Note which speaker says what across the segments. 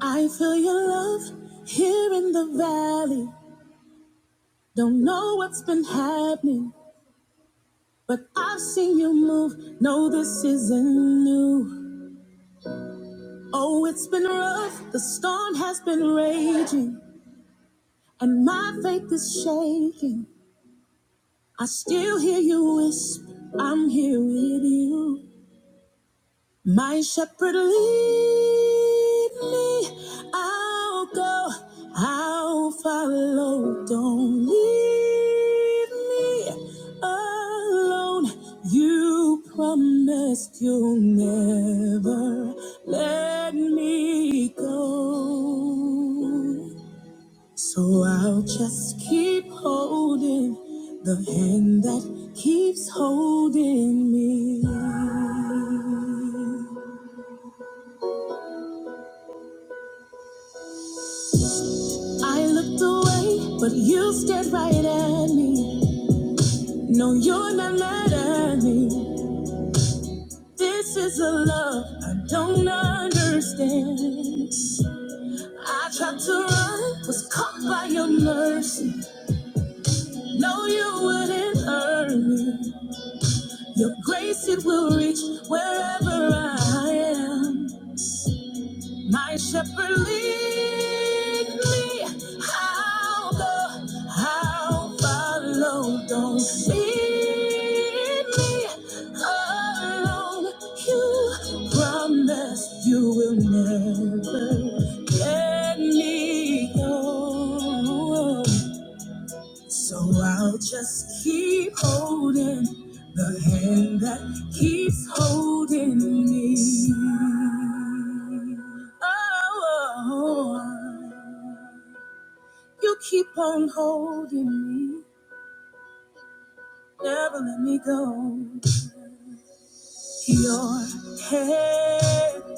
Speaker 1: I feel your love here in the valley. Don't know what's been happening, but I've seen you move. No, this isn't new. Oh, it's been rough. The storm has been raging, and my faith is shaking. I still hear you whisper, I'm here with you. My shepherd lead me, I'll go, I'll follow. Don't leave me alone. You promised you'll never let me go. So I'll just keep holding the hand that keeps holding me. I looked away, but you stared right at me. No, you're not mad at me. This is a love I don't understand. I tried to run, was caught by your mercy. No, you wouldn't hurt me. Your grace, it will reach wherever I am. My shepherd lead me, I'll go, I'll follow. Don't leave me alone. You promised you will never let me go. So I'll just keep holding the hand that keeps holding me. Oh, you keep on holding me, never let me go. Your hand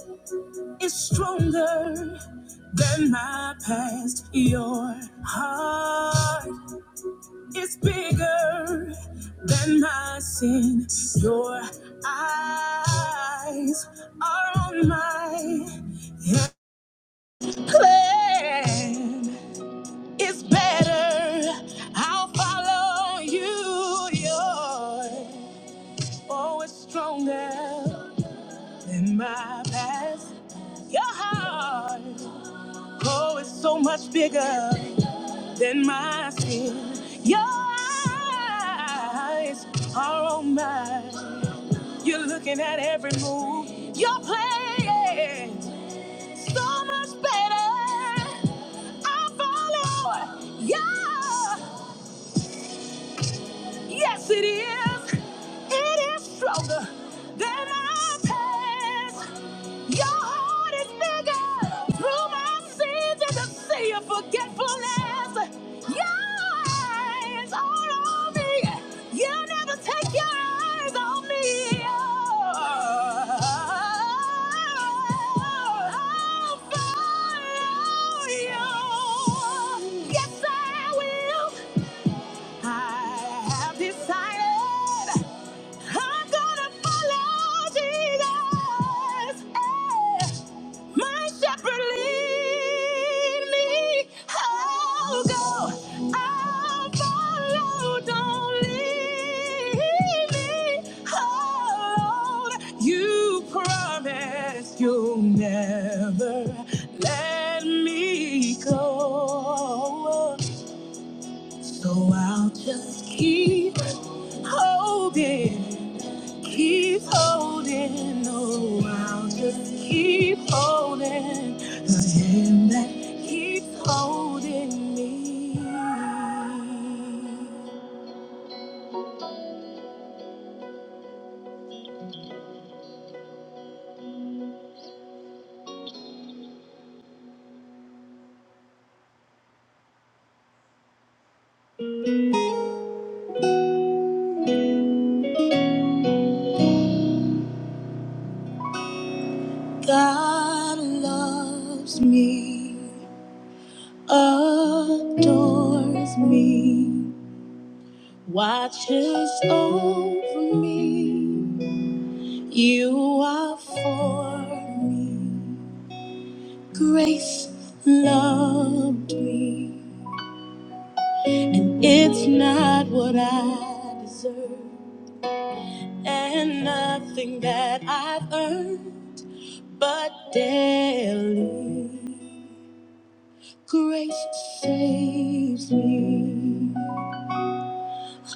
Speaker 1: is stronger than my past. Your heart It's bigger than my sin. Your eyes are on my plan. It's better. I'll follow you. Your oh, it's stronger than my past. Your heart, oh, it's so much bigger than my sin. Your eyes are on mine. You're looking at every move you're playing. So much better. I follow. Yeah. Yes, it is. It is stronger than our past. Your heart is bigger. Through my sins and the sea of forgetfulness. Your eyes all on me. You never take your eyes off me. Oh, I'll follow you. Yes, I will. I have decided I'm gonna follow Jesus. Eh, My shepherd lead me. I'll go. I'll follow. Don't leave me alone. You promised you'll never let me go. So I'll just keep holding, keep holding. Oh, I'll just keep holding the hand that keeps holding me. God loves me, adores me, watches over me. You are for me. Grace loved me. It's not what I deserve, and nothing that I've earned, but daily grace saves me.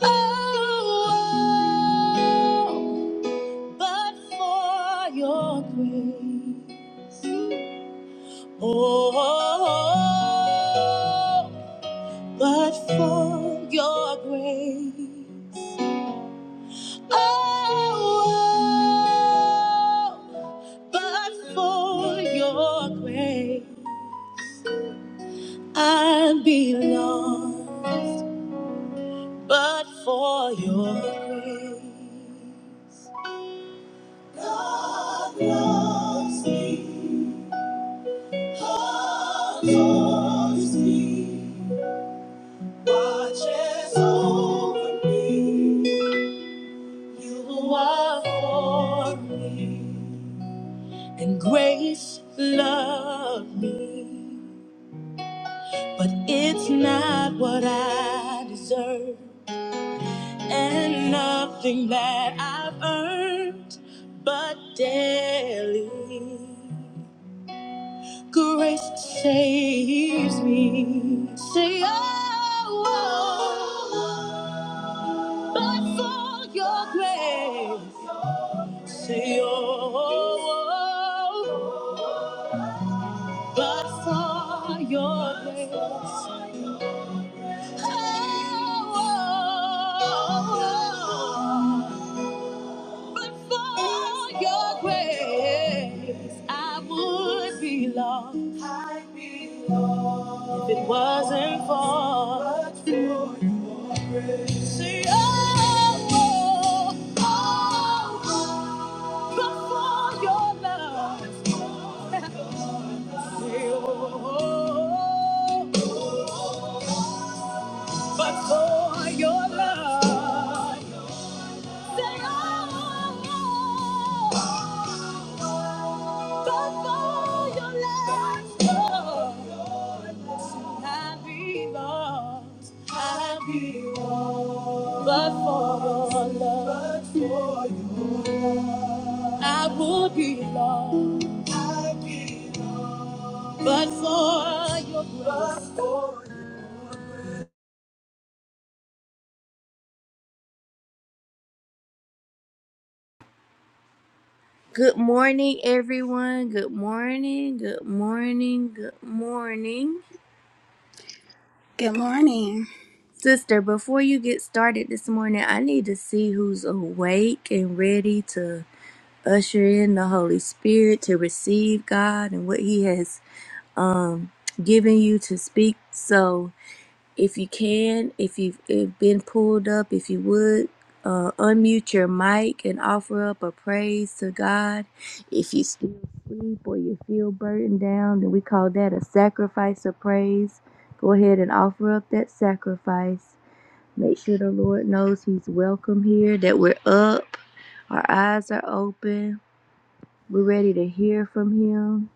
Speaker 1: Oh, but for your grace. Oh, but for your grace. Oh, oh, but for your grace, I'd be lost, but for your grace. God loves me, God loves me, watches over me. You are for me. and grace loved me, but it's not what I deserve, and nothing that I've earned, but daily grace saves me. Say, oh, oh, oh." but for your grace, say, oh, oh, oh, but for your grace. But for your grace, I would be lost. If it wasn't for See, oh, oh, oh, but for your love, oh, oh, oh, but for your love. But for your love, I would be lost. But for your grace. Good morning, everyone. Good morning. Good morning. Good morning.
Speaker 2: Good morning.
Speaker 1: Sister, before you get started this morning, I need to see who's awake and ready to usher in the Holy Spirit to receive God and what He has um, given you to speak. So, if you can, if you've if been pulled up, if you would. Uh, unmute your mic and offer up a praise to God. If you still sleep or you feel burdened down, then we call that a sacrifice of praise. Go ahead and offer up that sacrifice. Make sure the Lord knows He's welcome here, that we're up, our eyes are open, we're ready to hear from Him.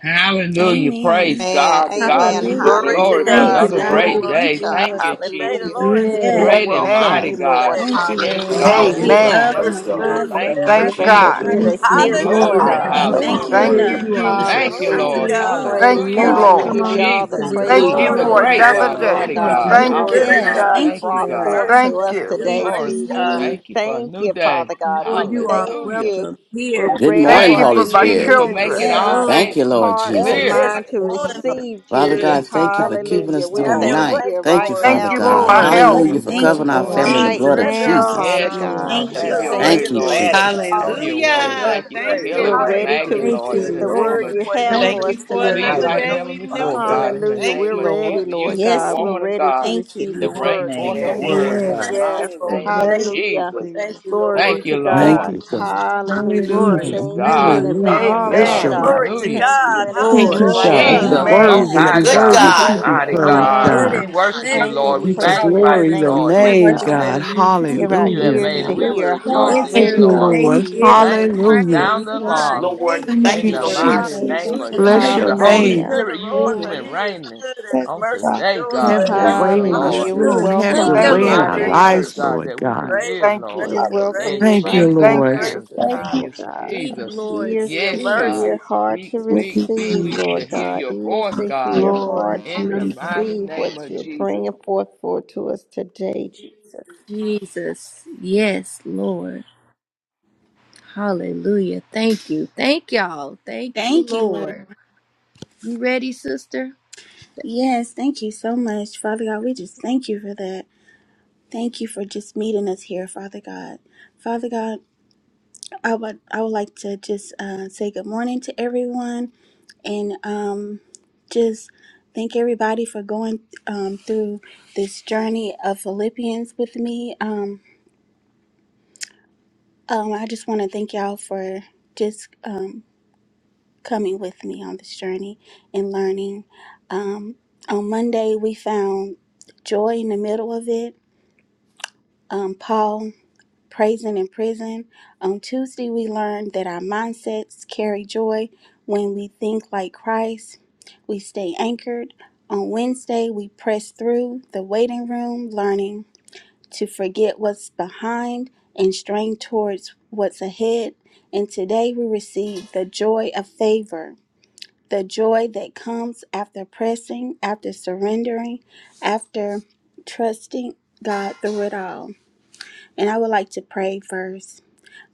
Speaker 3: Hallelujah. Praise
Speaker 2: Amen.
Speaker 4: Amen.
Speaker 3: God. To God
Speaker 4: Amen.
Speaker 3: be the
Speaker 2: Hallelujah.
Speaker 5: Glory to
Speaker 3: glory for
Speaker 4: Hallelujah.
Speaker 5: God.
Speaker 2: Praise
Speaker 3: another
Speaker 5: Thank
Speaker 4: Glory
Speaker 5: you,
Speaker 2: God.
Speaker 3: great
Speaker 4: be
Speaker 5: Lord
Speaker 4: to
Speaker 2: Thank
Speaker 3: day.
Speaker 2: you,
Speaker 5: Jesus.
Speaker 4: God.
Speaker 3: Thank
Speaker 5: This
Speaker 2: Lord,
Speaker 5: is
Speaker 2: for
Speaker 3: you,
Speaker 5: the
Speaker 2: this
Speaker 5: day
Speaker 3: Jesus.
Speaker 5: the
Speaker 4: Hallelujah.
Speaker 2: day.
Speaker 5: Lord has made.
Speaker 4: We
Speaker 5: I
Speaker 1: Yes,
Speaker 2: Yes.
Speaker 3: Great
Speaker 5: will
Speaker 3: and
Speaker 5: rejoice
Speaker 4: welcome
Speaker 3: mighty
Speaker 4: you,
Speaker 5: and
Speaker 6: Amen.
Speaker 5: be glad
Speaker 3: God.
Speaker 4: Lord.
Speaker 5: in
Speaker 2: Thank
Speaker 5: it.
Speaker 2: you,
Speaker 5: The
Speaker 3: Yes,
Speaker 5: Lord
Speaker 2: Lord.
Speaker 5: is
Speaker 7: Thank you,
Speaker 3: God.
Speaker 4: Hallelujah.
Speaker 5: good
Speaker 3: Move
Speaker 2: We
Speaker 5: and
Speaker 7: Jesus.
Speaker 5: his
Speaker 3: like
Speaker 6: Amen.
Speaker 2: up
Speaker 3: never
Speaker 2: and
Speaker 6: Praise
Speaker 5: mercy
Speaker 6: God.
Speaker 3: before.
Speaker 7: Hallelujah
Speaker 2: alive
Speaker 5: endures
Speaker 7: to
Speaker 2: and
Speaker 3: Thank
Speaker 7: your
Speaker 3: you,
Speaker 6: Thank
Speaker 7: name,
Speaker 5: forever.
Speaker 4: Give
Speaker 2: breath in
Speaker 4: us
Speaker 7: God.
Speaker 2: our
Speaker 4: an
Speaker 6: God.
Speaker 7: You're
Speaker 3: Jesus.
Speaker 4: ear
Speaker 1: thank
Speaker 4: to
Speaker 2: bodies.
Speaker 7: worthy.
Speaker 1: you,
Speaker 4: hear,
Speaker 2: Thank you,
Speaker 4: Lord
Speaker 1: Lord.
Speaker 2: Lord.
Speaker 3: Glory.
Speaker 1: You
Speaker 5: Hallelujah.
Speaker 6: God.
Speaker 2: We
Speaker 1: are
Speaker 4: God.
Speaker 2: can't
Speaker 7: You
Speaker 8: Oh,
Speaker 1: Holy
Speaker 2: thank
Speaker 7: are
Speaker 2: you
Speaker 3: Hallelujah.
Speaker 6: Thank
Speaker 1: Spirit,
Speaker 7: worthy,
Speaker 6: you,
Speaker 2: enough.
Speaker 1: you are
Speaker 7: Lord.
Speaker 3: Thank
Speaker 1: welcome
Speaker 3: you,
Speaker 6: Jesus.
Speaker 5: Glory to
Speaker 4: Hallelujah.
Speaker 3: Lord.
Speaker 1: here.
Speaker 5: God.
Speaker 2: Hallelujah.
Speaker 4: Praise
Speaker 6: Thank
Speaker 3: Hallelujah.
Speaker 6: you,
Speaker 2: Thank
Speaker 8: Lord,
Speaker 4: God.
Speaker 3: Thank
Speaker 4: We
Speaker 2: you,
Speaker 3: you,
Speaker 6: Lord.
Speaker 1: Come
Speaker 4: give you
Speaker 1: on
Speaker 2: Lord.
Speaker 4: all the
Speaker 3: Jesus.
Speaker 1: into
Speaker 5: Bless the
Speaker 1: this
Speaker 4: praise,
Speaker 6: Thank
Speaker 7: Hallelujah.
Speaker 3: He's
Speaker 6: you
Speaker 5: Lord,
Speaker 3: a
Speaker 4: honor,
Speaker 5: oh
Speaker 6: for
Speaker 4: and
Speaker 1: room.
Speaker 5: my
Speaker 3: great
Speaker 6: another
Speaker 4: glory,
Speaker 3: God,
Speaker 5: soul.
Speaker 1: We
Speaker 4: Lord
Speaker 3: mighty
Speaker 6: day.
Speaker 1: want
Speaker 4: God,
Speaker 5: Thank
Speaker 1: to
Speaker 5: you
Speaker 4: for
Speaker 3: God,
Speaker 5: for
Speaker 4: the
Speaker 6: Thank
Speaker 5: your
Speaker 1: hear
Speaker 4: word
Speaker 1: from
Speaker 3: awesome
Speaker 6: you.
Speaker 4: that's
Speaker 5: goodness,
Speaker 2: Yes.
Speaker 4: going
Speaker 3: God.
Speaker 4: to
Speaker 5: God.
Speaker 4: be
Speaker 2: Thank
Speaker 5: Thank
Speaker 3: Thank
Speaker 5: you
Speaker 2: you,
Speaker 3: you,
Speaker 5: for
Speaker 4: brought
Speaker 5: your
Speaker 2: Lord.
Speaker 4: forth
Speaker 3: God.
Speaker 5: mercy.
Speaker 4: to
Speaker 6: Thank
Speaker 5: Thank
Speaker 4: us
Speaker 5: you for
Speaker 6: you.
Speaker 5: your
Speaker 4: today,
Speaker 3: Glory.
Speaker 5: grace,
Speaker 4: Jesus. We
Speaker 3: Thank
Speaker 6: Mm,
Speaker 5: God.
Speaker 3: you for a
Speaker 4: thank
Speaker 3: new
Speaker 4: you,
Speaker 3: day.
Speaker 4: Father
Speaker 1: you.
Speaker 4: God. We
Speaker 1: Lord, you are
Speaker 4: thank
Speaker 3: Hallelujah.
Speaker 4: you.
Speaker 1: welcome
Speaker 4: We're
Speaker 1: here.
Speaker 9: Good
Speaker 4: ready
Speaker 9: morning,
Speaker 6: Thank
Speaker 4: for
Speaker 6: you
Speaker 3: Thank
Speaker 4: our
Speaker 9: Holy
Speaker 3: you,
Speaker 6: for my
Speaker 4: ears
Speaker 1: Come
Speaker 3: Jesus,
Speaker 4: to
Speaker 9: Spirit.
Speaker 3: for
Speaker 1: into this
Speaker 3: making
Speaker 6: children.
Speaker 4: hear,
Speaker 3: all
Speaker 4: our
Speaker 2: Yes.
Speaker 1: room.
Speaker 9: Thank
Speaker 3: things
Speaker 9: you, Lord
Speaker 4: hearts and
Speaker 3: clear.
Speaker 9: Jesus.
Speaker 5: Yes,
Speaker 4: mind
Speaker 5: good
Speaker 4: to
Speaker 5: morning, Holy
Speaker 4: receive,
Speaker 9: Father
Speaker 5: Spirit.
Speaker 4: Jesus.
Speaker 9: God,
Speaker 3: Jesus,
Speaker 9: thank you
Speaker 8: thank
Speaker 9: for keeping
Speaker 3: yes,
Speaker 4: Hallelujah.
Speaker 9: us through
Speaker 4: We
Speaker 9: the
Speaker 5: Have your
Speaker 4: thank
Speaker 3: Lord.
Speaker 9: night.
Speaker 5: way,
Speaker 4: you
Speaker 9: Thank you,
Speaker 4: right
Speaker 5: Lord.
Speaker 6: Thank
Speaker 9: Father
Speaker 4: now,
Speaker 6: you for
Speaker 3: Thank
Speaker 9: God.
Speaker 4: Lord.
Speaker 3: you,
Speaker 6: my
Speaker 1: Lord
Speaker 3: God,
Speaker 8: thank
Speaker 6: health.
Speaker 3: for
Speaker 9: Hallelujah
Speaker 8: you
Speaker 2: Amen.
Speaker 9: for
Speaker 8: for
Speaker 2: Thank
Speaker 8: waking
Speaker 2: you,
Speaker 3: moving,
Speaker 9: covering our
Speaker 8: me up
Speaker 3: Lord
Speaker 2: Lord.
Speaker 8: this
Speaker 9: family in the
Speaker 4: Right
Speaker 9: blood
Speaker 3: Jesus.
Speaker 9: of
Speaker 1: Jesus,
Speaker 5: Surrender
Speaker 4: now,
Speaker 1: thank
Speaker 5: all,
Speaker 9: Jesus.
Speaker 1: you,
Speaker 4: Father
Speaker 5: God.
Speaker 3: Yes,
Speaker 5: We
Speaker 1: Lord.
Speaker 5: come
Speaker 4: God.
Speaker 3: Lord.
Speaker 2: Thank
Speaker 5: under
Speaker 7: I'm About
Speaker 4: We
Speaker 3: Have
Speaker 2: you.
Speaker 6: mm,
Speaker 5: your
Speaker 3: your
Speaker 7: it.
Speaker 3: way,
Speaker 4: thank
Speaker 7: I'm
Speaker 9: Thank
Speaker 5: lordship
Speaker 9: you,
Speaker 5: this
Speaker 4: you.
Speaker 7: glad
Speaker 3: Lord.
Speaker 5: morning,
Speaker 9: Jesus.
Speaker 7: about it.
Speaker 3: Have
Speaker 6: mm.
Speaker 5: Lord
Speaker 7: Thank
Speaker 8: morning.
Speaker 3: your
Speaker 7: you,
Speaker 8: It's
Speaker 5: Jesus
Speaker 3: way.
Speaker 7: Lord.
Speaker 8: so
Speaker 5: Christ.
Speaker 3: Thank
Speaker 10: Hallelujah.
Speaker 3: you
Speaker 5: Have
Speaker 3: for
Speaker 10: Thank
Speaker 8: great.
Speaker 10: you,
Speaker 3: healing
Speaker 4: We're
Speaker 5: your
Speaker 8: Hallelujah.
Speaker 3: Miss
Speaker 5: way,
Speaker 4: ready
Speaker 5: Holy
Speaker 4: to
Speaker 3: Maggie,
Speaker 10: Jesus.
Speaker 7: Thank
Speaker 1: Thank
Speaker 3: Lord,
Speaker 1: you,
Speaker 7: you,
Speaker 5: Spirit.
Speaker 3: in
Speaker 4: receive
Speaker 3: the
Speaker 4: the
Speaker 7: Lord
Speaker 5: Have
Speaker 3: name
Speaker 4: word
Speaker 5: your
Speaker 7: Jesus.
Speaker 3: of
Speaker 4: you
Speaker 1: Lord.
Speaker 5: way,
Speaker 4: have
Speaker 5: Lord
Speaker 8: Thank
Speaker 3: Jesus.
Speaker 7: Hallelujah.
Speaker 10: Thank
Speaker 4: for
Speaker 1: Glory
Speaker 4: us
Speaker 10: you
Speaker 5: Jesus
Speaker 1: to
Speaker 10: for
Speaker 5: Christ.
Speaker 1: your
Speaker 4: today,
Speaker 5: Have
Speaker 7: I
Speaker 3: Speak
Speaker 10: another
Speaker 5: your way,
Speaker 3: like
Speaker 10: day
Speaker 4: Jesus.
Speaker 1: name.
Speaker 3: never
Speaker 10: we've
Speaker 5: Holy
Speaker 7: thank
Speaker 10: never
Speaker 3: before,
Speaker 5: Father.
Speaker 10: seen.
Speaker 7: you.
Speaker 3: God, in the
Speaker 4: Hallelujah.
Speaker 10: Thank
Speaker 4: We're
Speaker 3: name
Speaker 10: you,
Speaker 3: of
Speaker 4: ready,
Speaker 10: Lord.
Speaker 3: Jesus.
Speaker 4: Lord
Speaker 3: Use the
Speaker 2: Yes,
Speaker 4: God. We're
Speaker 2: Lord.
Speaker 3: woman of
Speaker 4: ready to
Speaker 3: God
Speaker 2: Thank you.
Speaker 4: receive
Speaker 3: to
Speaker 4: the
Speaker 8: you
Speaker 7: Jesus'
Speaker 8: Lord,
Speaker 3: bring
Speaker 4: word
Speaker 3: forth
Speaker 7: name.
Speaker 3: the
Speaker 4: today,
Speaker 7: Thank you,
Speaker 3: word
Speaker 4: Lord.
Speaker 1: Yes,
Speaker 3: in the
Speaker 5: Thank
Speaker 7: Father.
Speaker 5: you,
Speaker 4: Yes.
Speaker 3: mighty
Speaker 5: Lord.
Speaker 8: for
Speaker 3: name of
Speaker 5: Thank
Speaker 8: ready to
Speaker 5: you,
Speaker 4: Hallelujah.
Speaker 5: Lord.
Speaker 3: Jesus.
Speaker 8: receive.
Speaker 5: Thank
Speaker 8: it.
Speaker 5: you,
Speaker 4: Glory be
Speaker 3: Thank
Speaker 5: Lord.
Speaker 3: you,
Speaker 4: to
Speaker 8: Thank
Speaker 11: Thank
Speaker 3: Lord.
Speaker 4: God.
Speaker 8: you,
Speaker 11: you, God.
Speaker 8: Jesus.
Speaker 4: Hallelujah. We
Speaker 1: glory.
Speaker 11: Hallelujah.
Speaker 3: Praise
Speaker 4: thank you in
Speaker 3: God.
Speaker 1: Hallelujah.
Speaker 11: Hallelujah.
Speaker 4: advance,
Speaker 11: Bless
Speaker 4: Lord
Speaker 11: your
Speaker 6: Amen.
Speaker 4: God.
Speaker 11: name.
Speaker 5: Glory
Speaker 8: Hallelujah.
Speaker 4: We
Speaker 5: to
Speaker 3: Hallelujah.
Speaker 1: Thank
Speaker 4: thank
Speaker 1: you,
Speaker 4: you
Speaker 5: God.
Speaker 4: in
Speaker 11: Thank
Speaker 4: advance
Speaker 1: Lord.
Speaker 11: you,
Speaker 4: right
Speaker 11: God.
Speaker 8: Lord,
Speaker 5: Hallelujah.
Speaker 11: You're
Speaker 3: Jesus,
Speaker 4: now,
Speaker 8: Lord,
Speaker 6: Amen.
Speaker 3: Most
Speaker 9: He's
Speaker 8: we
Speaker 11: worthy.
Speaker 9: a
Speaker 4: Jesus.
Speaker 2: Amen.
Speaker 11: You're
Speaker 3: High
Speaker 9: good
Speaker 8: bless your
Speaker 11: worthy
Speaker 2: Thank
Speaker 3: God,
Speaker 11: to
Speaker 9: God,
Speaker 2: you,
Speaker 8: name,
Speaker 11: be
Speaker 2: Lord.
Speaker 8: God.
Speaker 3: Mighty
Speaker 1: How
Speaker 11: praised,
Speaker 3: God,
Speaker 1: good
Speaker 4: Amen.
Speaker 11: God.
Speaker 3: we
Speaker 1: and
Speaker 3: worship you,
Speaker 4: Thank you
Speaker 1: pleasant it
Speaker 3: Lord.
Speaker 4: and
Speaker 3: We
Speaker 11: We
Speaker 1: is
Speaker 11: just
Speaker 4: praise
Speaker 8: Hallelujah.
Speaker 1: for
Speaker 4: you in
Speaker 3: magnify
Speaker 11: glory
Speaker 1: brothers
Speaker 3: you,
Speaker 11: your
Speaker 1: to
Speaker 4: advance,
Speaker 3: Lord.
Speaker 1: dwell
Speaker 2: We
Speaker 3: This
Speaker 4: Lord
Speaker 11: name,
Speaker 3: is
Speaker 2: worship.
Speaker 3: the
Speaker 4: God.
Speaker 3: day
Speaker 1: together
Speaker 11: God.
Speaker 3: that
Speaker 1: in
Speaker 3: we
Speaker 2: Thank you
Speaker 4: Give
Speaker 1: unity.
Speaker 2: for
Speaker 4: our
Speaker 3: you have
Speaker 11: Hallelujah,
Speaker 2: using
Speaker 4: ears
Speaker 3: made,
Speaker 2: me,
Speaker 4: to
Speaker 3: and
Speaker 11: God.
Speaker 3: we
Speaker 8: You're
Speaker 3: will
Speaker 2: Father
Speaker 4: hear, a
Speaker 8: so
Speaker 1: We
Speaker 2: God.
Speaker 4: heart
Speaker 3: rejoice
Speaker 8: awesome,
Speaker 3: in you,
Speaker 11: Thank
Speaker 1: enter
Speaker 4: ready
Speaker 11: you,
Speaker 2: Hallelujah.
Speaker 1: with
Speaker 4: to
Speaker 8: God.
Speaker 3: Lord.
Speaker 11: Lord.
Speaker 2: Thank you,
Speaker 4: receive,
Speaker 2: Lord.
Speaker 1: thanksgiving
Speaker 3: Thank
Speaker 1: and
Speaker 3: you.
Speaker 4: Jesus.
Speaker 3: You
Speaker 11: Hallelujah.
Speaker 1: praise
Speaker 2: We
Speaker 3: sound the
Speaker 2: bless
Speaker 1: God.
Speaker 2: you.
Speaker 3: alarm
Speaker 9: Lord.
Speaker 1: Thank
Speaker 2: We
Speaker 11: Thank
Speaker 1: you,
Speaker 9: Thank
Speaker 3: in
Speaker 2: thank
Speaker 11: you,
Speaker 2: you
Speaker 9: you,
Speaker 3: the
Speaker 2: for the
Speaker 1: Lord.
Speaker 9: Lord.
Speaker 3: mighty
Speaker 2: day.
Speaker 11: Jesus.
Speaker 3: name
Speaker 2: Thank you,
Speaker 3: of
Speaker 1: Hallelujah.
Speaker 2: Father
Speaker 5: Oh,
Speaker 8: Thank
Speaker 11: Bless
Speaker 3: Jesus.
Speaker 11: your
Speaker 5: give
Speaker 8: you,
Speaker 5: thanks
Speaker 3: Holy
Speaker 11: name.
Speaker 4: Hallelujah.
Speaker 8: Jesus.
Speaker 5: to
Speaker 2: God.
Speaker 5: the
Speaker 3: Spirit, you
Speaker 5: Lord,
Speaker 3: move
Speaker 2: Hallelujah.
Speaker 5: for he
Speaker 3: and
Speaker 5: is
Speaker 3: reign
Speaker 5: good and
Speaker 8: Thank
Speaker 5: his
Speaker 3: on
Speaker 8: you,
Speaker 5: mercy
Speaker 8: God.
Speaker 3: today,
Speaker 8: Thank
Speaker 5: endures
Speaker 8: you,
Speaker 3: God.
Speaker 8: God.
Speaker 11: Have your
Speaker 1: Jesus.
Speaker 3: Use
Speaker 5: forever.
Speaker 11: way
Speaker 3: the
Speaker 11: in this
Speaker 3: Lord.
Speaker 4: Hallelujah. We
Speaker 1: Hallelujah.
Speaker 11: room.
Speaker 5: Hallelujah,
Speaker 11: Have
Speaker 3: Give
Speaker 4: welcome
Speaker 11: your
Speaker 1: Thank
Speaker 3: us
Speaker 1: you,
Speaker 4: you,
Speaker 3: a
Speaker 5: God.
Speaker 6: Thank
Speaker 11: way
Speaker 6: you,
Speaker 11: in
Speaker 4: Lord
Speaker 11: our
Speaker 3: mighty
Speaker 1: Lord.
Speaker 4: God.
Speaker 3: word,
Speaker 11: lives,
Speaker 6: Jesus.
Speaker 3: God,
Speaker 11: Lord
Speaker 3: that we
Speaker 11: God.
Speaker 3: can
Speaker 5: Grace,
Speaker 3: live,
Speaker 6: Thank
Speaker 3: Lord.
Speaker 4: We
Speaker 6: you.
Speaker 5: grace,
Speaker 8: Hallelujah.
Speaker 4: welcome
Speaker 3: In
Speaker 4: you
Speaker 5: grace.
Speaker 11: Thank you,
Speaker 4: right
Speaker 5: Thank you
Speaker 3: Jesus'
Speaker 5: for
Speaker 4: now,
Speaker 6: Thank
Speaker 11: Lord.
Speaker 6: you.
Speaker 3: name.
Speaker 5: grace,
Speaker 4: Jesus,
Speaker 3: Thank
Speaker 8: Thank
Speaker 5: God,
Speaker 8: you.
Speaker 4: Lord
Speaker 3: you,
Speaker 4: God.
Speaker 1: Speak,
Speaker 3: Jesus.
Speaker 1: Lord.
Speaker 5: for
Speaker 4: Ears
Speaker 5: your
Speaker 4: to
Speaker 3: Yes,
Speaker 1: Speak.
Speaker 4: hear,
Speaker 3: God.
Speaker 5: mercy.
Speaker 4: heart
Speaker 3: Speak,
Speaker 4: to
Speaker 8: Thank
Speaker 3: speak,
Speaker 8: you,
Speaker 3: speak.
Speaker 4: receive,
Speaker 3: We
Speaker 8: Jesus.
Speaker 3: need
Speaker 4: Lord
Speaker 3: to hear
Speaker 4: God.
Speaker 3: your
Speaker 4: Ears
Speaker 3: voice,
Speaker 4: to
Speaker 3: God,
Speaker 4: hear,
Speaker 8: Glory
Speaker 4: heart to
Speaker 8: to
Speaker 3: in
Speaker 8: your
Speaker 3: the
Speaker 8: name,
Speaker 3: mighty
Speaker 4: receive
Speaker 3: name
Speaker 4: what
Speaker 3: of
Speaker 4: you're
Speaker 3: Jesus.
Speaker 4: bringing forth for to us today, Jesus.
Speaker 1: Jesus. Yes, Lord. Hallelujah. Thank you. Thank y'all. Thank you,
Speaker 2: Thank you, Lord.
Speaker 1: Lord. You ready, sister?
Speaker 2: Yes, thank you so much, Father God. We just thank you for that. Thank you for just meeting us here, Father God. Father God, I would I would like to just uh, say good morning to everyone and um, just thank everybody for going um, through this journey of Philippians with me. Um, Um, I just want to thank y'all for just um, coming with me on this journey and learning. Um, on Monday, we found joy in the middle of it. Um, Paul praising in prison. On Tuesday, we learned that our mindsets carry joy when we think like Christ. We stay anchored. On Wednesday, we press through the waiting room, learning to forget what's behind and strain towards what's ahead. And today we receive the joy of favor, the joy that comes after pressing, after surrendering, after trusting God through it all. And I would like to pray first.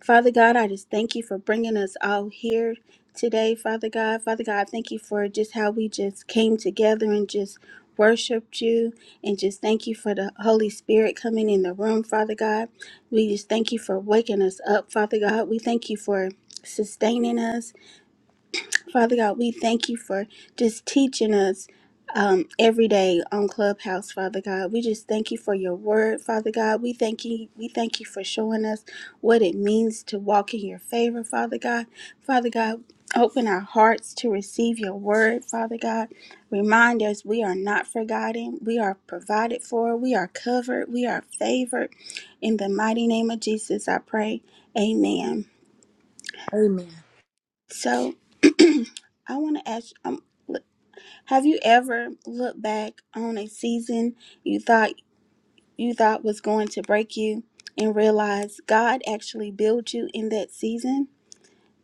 Speaker 2: Father God, I just thank you for bringing us all here today, Father God. Father God, thank you for just how we just came together and just worshiped you and just thank you for the Holy Spirit coming in the room, Father God. We just thank you for waking us up, Father God. We thank you for sustaining us. Father God, we thank you for just teaching us um, every day on Clubhouse, Father God. We just thank you for your word, Father God. We thank you. We thank you for showing us what it means to walk in your favor, Father God. Father God, open our hearts to receive your word, Father God. Remind us we are not forgotten. We are provided for. We are covered. We are favored. In the mighty name of Jesus, I pray. Amen.
Speaker 1: Amen.
Speaker 2: So I want to ask. Um, Have you ever looked back on a season you thought you thought was going to break you and realized God actually built you in that season?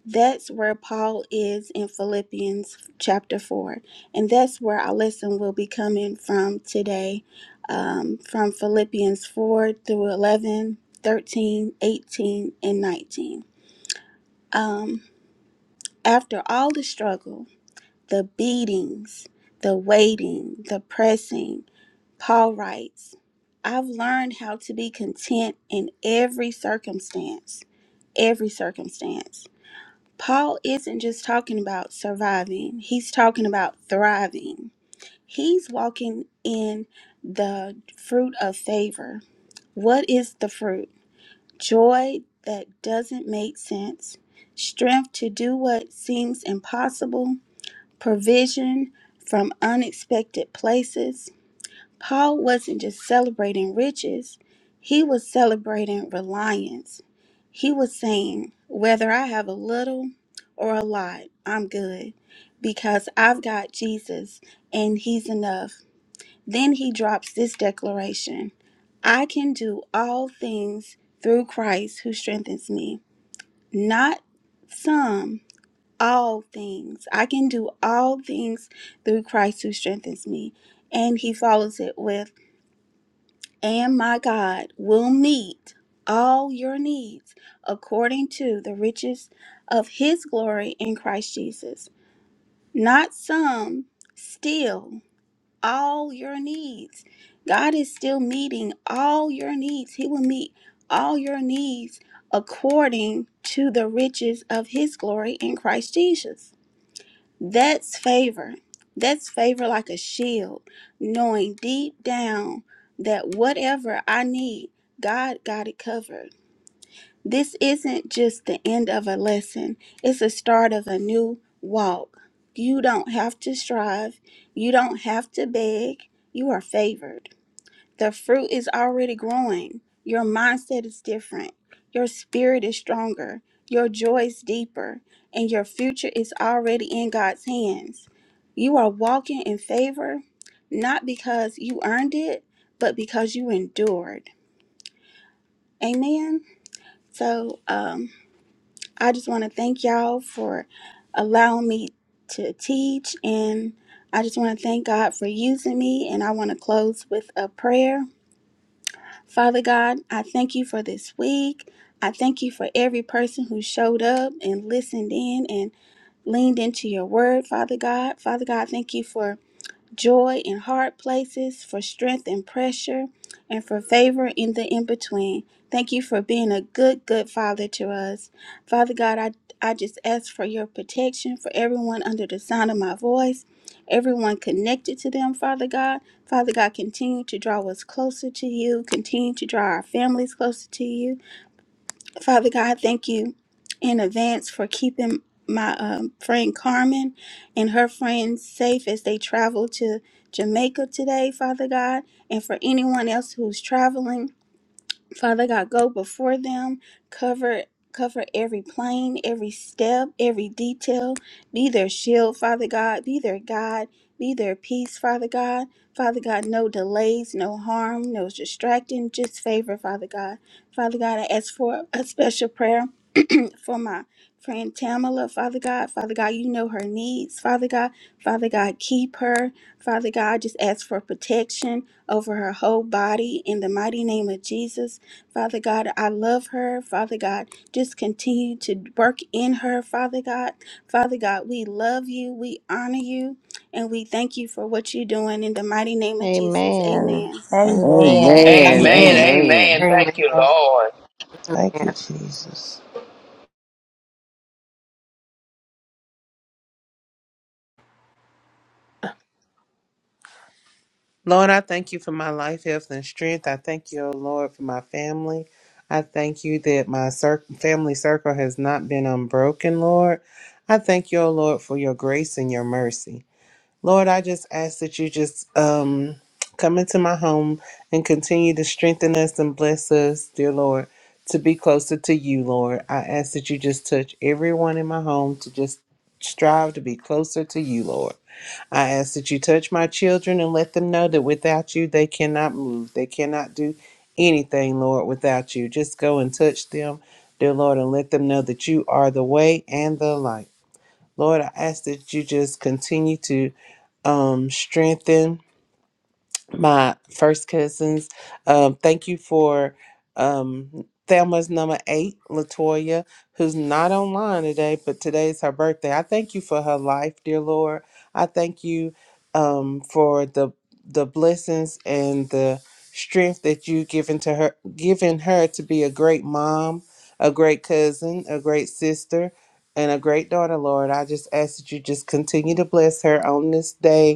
Speaker 2: That's where Paul is in Philippians chapter 4. And that's where our lesson will be coming from today, um, from Philippians 4 through 11, 13, 18, and 19. Um, after all the struggle, the beatings, the waiting, the pressing, Paul writes, I've learned how to be content in every circumstance. Every circumstance. Paul isn't just talking about surviving, he's talking about thriving. He's walking in the fruit of favor. What is the fruit? Joy that doesn't make sense, strength to do what seems impossible, provision from unexpected places, Paul wasn't just celebrating riches, he was celebrating reliance. He was saying, Whether I have a little or a lot, I'm good because I've got Jesus and he's enough. Then he drops this declaration I can do all things through Christ who strengthens me, not some. All things. I can do all things through Christ who strengthens me. And he follows it with, and my God will meet all your needs according to the riches of his glory in Christ Jesus. Not some, still all your needs. God is still meeting all your needs. He will meet all your needs according to the riches of his glory in Christ Jesus. That's favor. That's favor like a shield, knowing deep down that whatever I need, God got it covered. This isn't just the end of a lesson, it's a start of a new walk. You don't have to strive, you don't have to beg. You are favored. The fruit is already growing. Your mindset is different. Your spirit is stronger. Your joy is deeper. And your future is already in God's hands. You are walking in favor, not because you earned it, but because you endured. Amen. So um, I just want to thank y'all for allowing me to teach. And I just want to thank God for using me. And I want to close with a prayer. Father God, I thank you for this week. I thank you for every person who showed up and listened in and leaned into your word, Father God. Father God, thank you for joy in hard places, for strength in pressure, and for favor in the in between. Thank you for being a good, good father to us. Father God, I, I just ask for your protection for everyone under the sound of my voice, everyone connected to them, Father God. Father God, continue to draw us closer to you, continue to draw our families closer to you. Father God, thank you in advance for keeping my um, friend Carmen and her friends safe as they travel to Jamaica today, Father God, and for anyone else who's traveling. Father God, go before them, cover cover every plane, every step, every detail. Be their shield, Father God. Be their guide. Be their peace, Father God. Father God, no delays, no harm, no distracting, just favor, Father God. Father God, I ask for a special prayer for my friend Tamala, Father God. Father God, you know her needs, Father God. Father God, keep her. Father God, I just ask for protection over her whole body in the mighty name of Jesus. Father God, I love her. Father God, just continue to work in her, Father God. Father God, we love you, we honor you, and we thank you for what you're doing in the mighty name of Jesus.
Speaker 4: Amen.
Speaker 2: Amen.
Speaker 7: Amen.
Speaker 4: Amen.
Speaker 11: Amen.
Speaker 3: Amen.
Speaker 4: Amen.
Speaker 3: Amen.
Speaker 11: Amen.
Speaker 10: Amen.
Speaker 3: Thank you,
Speaker 8: God.
Speaker 3: Lord.
Speaker 8: Thank you, Jesus.
Speaker 10: Lord, I thank you for my life, health, and strength. I thank you, O Lord, for my family. I thank you that my cir- family circle has not been unbroken, Lord. I thank you, O Lord, for your grace and your mercy. Lord, I just ask that you just um, come into my home and continue to strengthen us and bless us, dear Lord, to be closer to you, Lord. I ask that you just touch everyone in my home to just strive to be closer to you, Lord. I ask that you touch my children and let them know that without you, they cannot move. They cannot do anything, Lord, without you. Just go and touch them, dear Lord, and let them know that you are the way and the light. Lord, I ask that you just continue to um, strengthen my first cousins. Um, thank you for um, Thelma's number eight, Latoya, who's not online today, but today's her birthday. I thank you for her life, dear Lord. I thank you um, for the the blessings and the strength that you given to her, given her to be a great mom, a great cousin, a great sister. And a great daughter, Lord. I just ask that you just continue to bless her on this day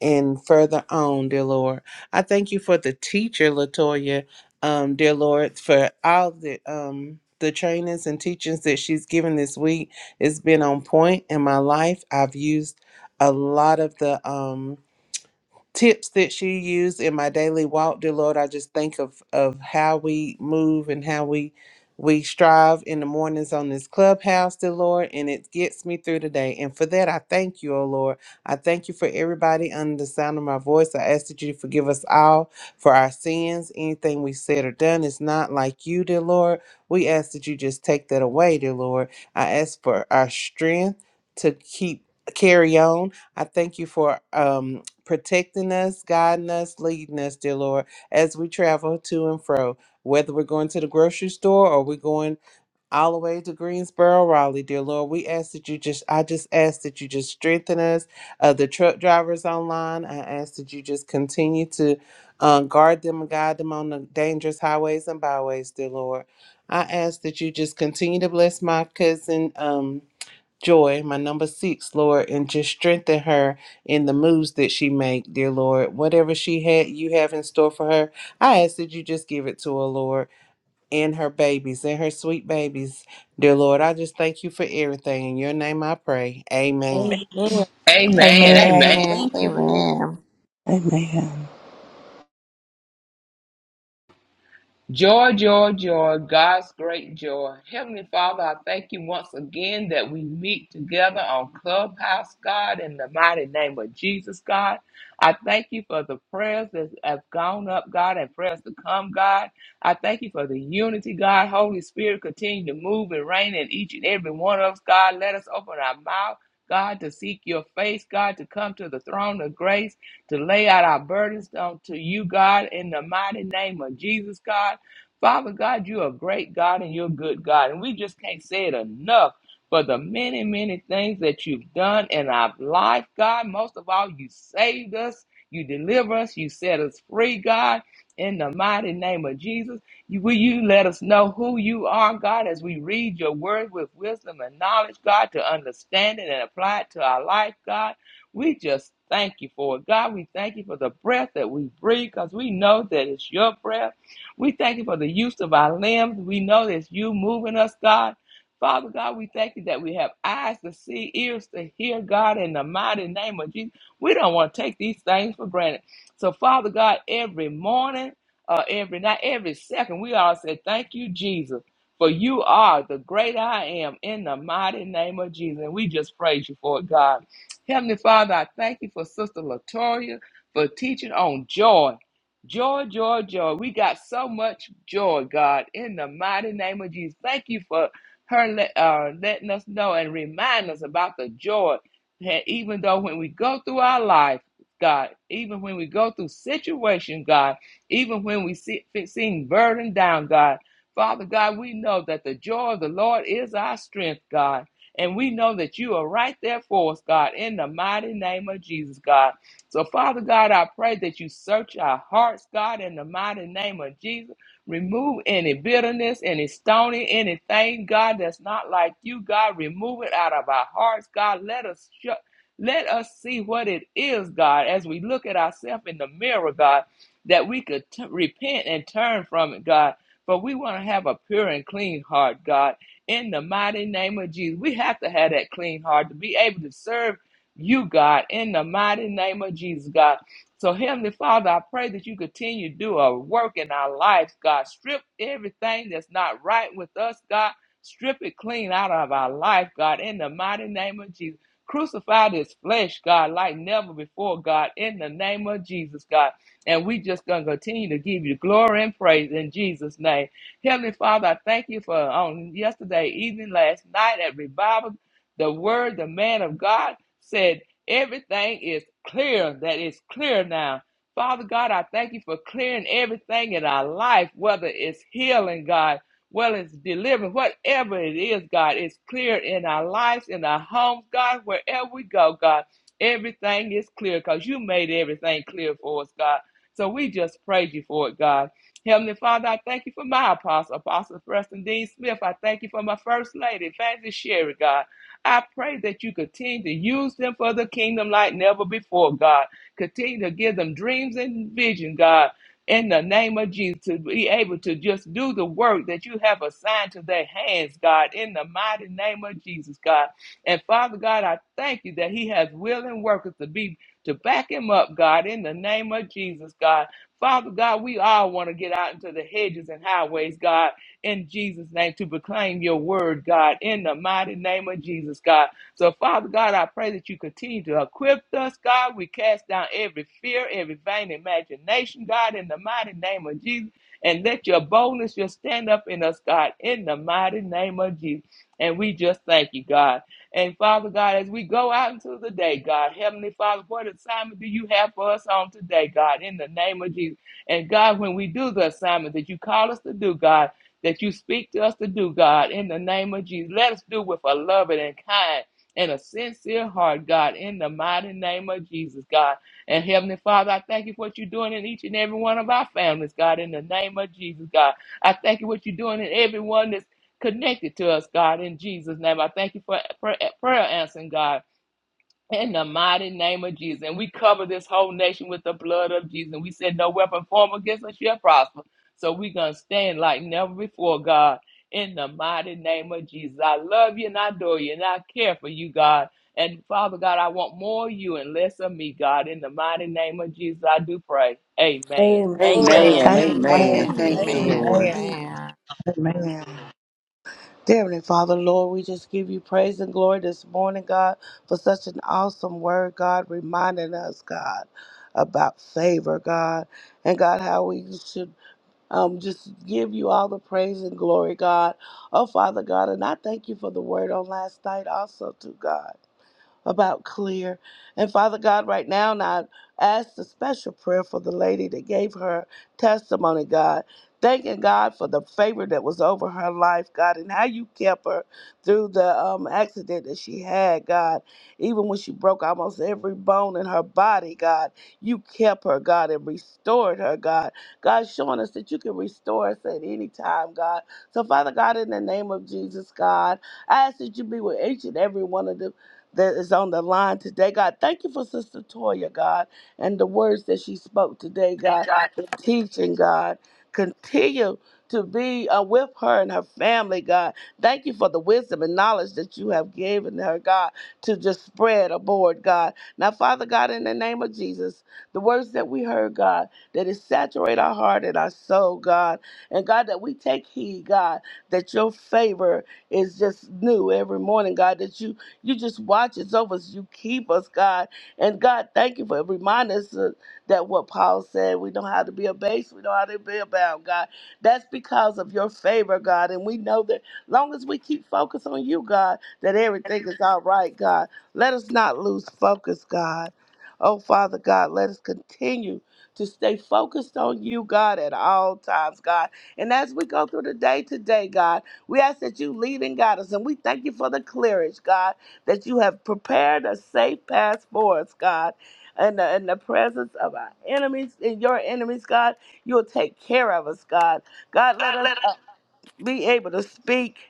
Speaker 10: and further on, dear Lord. I thank you for the teacher, Latoya, um, dear Lord, for all the um the trainings and teachings that she's given this week. It's been on point in my life. I've used a lot of the um tips that you use in my daily walk, dear Lord. I just think of of how we move and how we we strive in the mornings on this clubhouse, dear Lord, and it gets me through the day. And for that, I thank you, oh Lord. I thank you for everybody under the sound of my voice. I ask that you forgive us all for our sins. Anything we said or done is not like you, dear Lord. We ask that you just take that away, dear Lord. I ask for our strength to keep carry on. I thank you for um protecting us, guiding us, leading us, dear Lord, as we travel to and fro, whether we're going to the grocery store or we're going all the way to Greensboro, Raleigh, dear Lord. We ask that you just, I just ask that you just strengthen us. Uh, the truck drivers online, I ask that you just continue to um, guard them and guide them on the dangerous highways and byways, dear Lord. I ask that you just continue to bless my cousin. Um, Joy, my number six, Lord, and just strengthen her in the moves that she make, dear Lord. Whatever she had you have in store for her, I ask that you just give it to her, Lord, and her babies, and her sweet babies, dear Lord. I just thank you for everything. In your name I pray. Amen.
Speaker 5: Amen.
Speaker 1: Amen.
Speaker 3: Amen. Amen.
Speaker 7: Amen.
Speaker 8: Amen.
Speaker 4: Amen. Amen. Amen.
Speaker 8: Amen.
Speaker 3: Joy, joy, joy, God's great joy. Heavenly Father, I thank you once again that we meet together on Clubhouse, God, in the mighty name of Jesus, God. I thank you for the prayers that have gone up, God, and prayers to come, God. I thank you for the unity, God. Holy Spirit, continue to move and reign in each and every one of us, God. Let us open our mouth. God, to seek your face, God, to come to the throne of grace, to lay out our burdens unto you, God, in the mighty name of Jesus, God. Father God, you're a great God and you're a good God. And we just can't say it enough for the many, many things that you've done in our life, God. Most of all, you saved us, you deliver us, you set us free, God. In the mighty name of Jesus, You- will you let us know who you are, God, as we read your word with wisdom and knowledge, God, to understand it and apply it to our life, God? We just thank you for it, God. We thank you for the breath that we breathe because we know that it's your breath. We thank you for the use of our limbs. We know that you moving us, God. Father God, we thank you that we have eyes to see, ears to hear, God, in the mighty name of Jesus. We don't want to take these things for granted. So, Father God, every morning, uh, every night, every second, we all say, Thank you, Jesus, for you are the great I am in the mighty name of Jesus. And we just praise you for it, God. Heavenly Father, I thank you for Sister Latoya for teaching on joy. Joy, joy, joy. We got so much joy, God, in the mighty name of Jesus. Thank you for her let, uh, letting us know and remind us about the joy that even though when we go through our life, God, even when we go through situation, God, even when we see seem burdened down, God, Father God, we know that the joy of the Lord is our strength, God. And we know that you are right there for us, God, in the mighty name of Jesus, God. So, Father God, I pray that you search our hearts, God, in the mighty name of Jesus. Remove any bitterness, any stony, anything, God, that's not like you, God. Remove it out of our hearts, God. Let us shut. Let us see what it is, God, as we look at ourselves in the mirror, God, that we could t- repent and turn from it, God. For we want to have a pure and clean heart, God, in the mighty name of Jesus. We have to have that clean heart to be able to serve you, God, in the mighty name of Jesus, God. So, Heavenly Father, I pray that you continue to do a work in our lives, God. Strip everything that's not right with us, God. Strip it clean out of our life, God, in the mighty name of Jesus. Crucify this flesh, God, like never before, God, in the name of Jesus, God. And we just gonna continue to give you glory and praise in Jesus' name. Heavenly Father, I thank you for on yesterday evening, last night at revival, the word, the man of God said, Everything is clear. That is clear now. Father God, I thank you for clearing everything in our life, whether it's healing, God, whether it's delivering, whatever it is, God, it's clear in our lives, in our homes, God, wherever we go, God. Everything is clear because you made everything clear for us, God. So we just praise you for it, God. Heavenly Father, I thank you for my apostle, Apostle Preston Dean Smith. I thank you for my first lady, Fancy Sherry, God. I pray that you continue to use them for the kingdom like never before, God. Continue to give them dreams and vision, God. In the name of Jesus, to be able to just do the work that you have assigned to their hands, God, in the mighty name of Jesus, God. And Father God, I thank you that He has willing workers to be to back Him up, God, in the name of Jesus, God. Father God, we all want to get out into the hedges and highways, God in Jesus' name to proclaim your word, God, in the mighty name of Jesus, God. So, Father God, I pray that you continue to equip us, God. We cast down every fear, every vain imagination, God, in the mighty name of Jesus. And let your boldness just stand up in us, God, in the mighty name of Jesus. And we just thank you, God. And Father God, as we go out into the day, God, Heavenly Father, what assignment do you have for us on today, God, in the name of Jesus? And God, when we do the assignment that you call us to do, God, that you speak to us to do, God, in the name of Jesus. Let us do with a loving and kind and a sincere heart, God, in the mighty name of Jesus, God. And Heavenly Father, I thank you for what you're doing in each and every one of our families, God, in the name of Jesus, God. I thank you for what you're doing in everyone that's connected to us, God, in Jesus' name. I thank you for prayer, prayer answering, God in the mighty name of Jesus. And we cover this whole nation with the blood of Jesus. And we said, No weapon formed against us shall prosper. So we're going to stand like never before, God, in the mighty name of Jesus. I love you and I adore you and I care for you, God. And Father God, I want more of you and less of me, God. In the mighty name of Jesus, I do pray. Amen.
Speaker 1: Amen.
Speaker 11: Amen.
Speaker 7: Amen.
Speaker 8: Amen.
Speaker 11: Amen. Thank you,
Speaker 2: Amen.
Speaker 4: Amen.
Speaker 11: Lord.
Speaker 8: Amen.
Speaker 2: Amen.
Speaker 4: Amen.
Speaker 8: Amen. Dear Heavenly Father, Lord, we just give you praise and glory this morning, God, for such an awesome word, God, reminding us, God, about favor, God, and God, how we should um, just give you all the praise and glory, God. Oh, Father God, and I thank you for the word on last night also, too, God about clear. And Father God, right now, and I ask a special prayer for the lady that gave her testimony, God. Thanking God for the favor that was over her life, God, and how you kept her through the um, accident that she had, God. Even when she broke almost every bone in her body, God, you kept her, God, and restored her, God. God, showing us that you can restore us at any time, God. So, Father God, in the name of Jesus, God, I ask that you be with each and every one of them that is on the line today, God. Thank you for Sister Toya, God, and the words that she spoke today, God,
Speaker 9: God.
Speaker 8: the teaching, God. Continue to be uh, with her and her family, God. Thank you for the wisdom and knowledge that you have given her, God, to just spread aboard, God. Now, Father God, in the name of Jesus, the words that we heard, God, that it saturate our heart and our soul, God. And God, that we take heed, God, that your favor is just new every morning, God, that you you just watch us over us. You keep us, God. And God, thank you for reminding us uh, that what Paul said, we know how to be abased, we know how to be abound, God. That's because of your favor, God. And we know that long as we keep focus on you, God, that everything is all right, God. Let us not lose focus, God. Oh, Father God, let us continue to stay focused on you, God, at all times, God. And as we go through the day today, God, we ask that you lead and guide us. And we thank you for the clearance, God that you have prepared a safe path for us, God. In the, in the presence of our enemies, in your enemies, God, you'll take care of us, God. God, let us be able to speak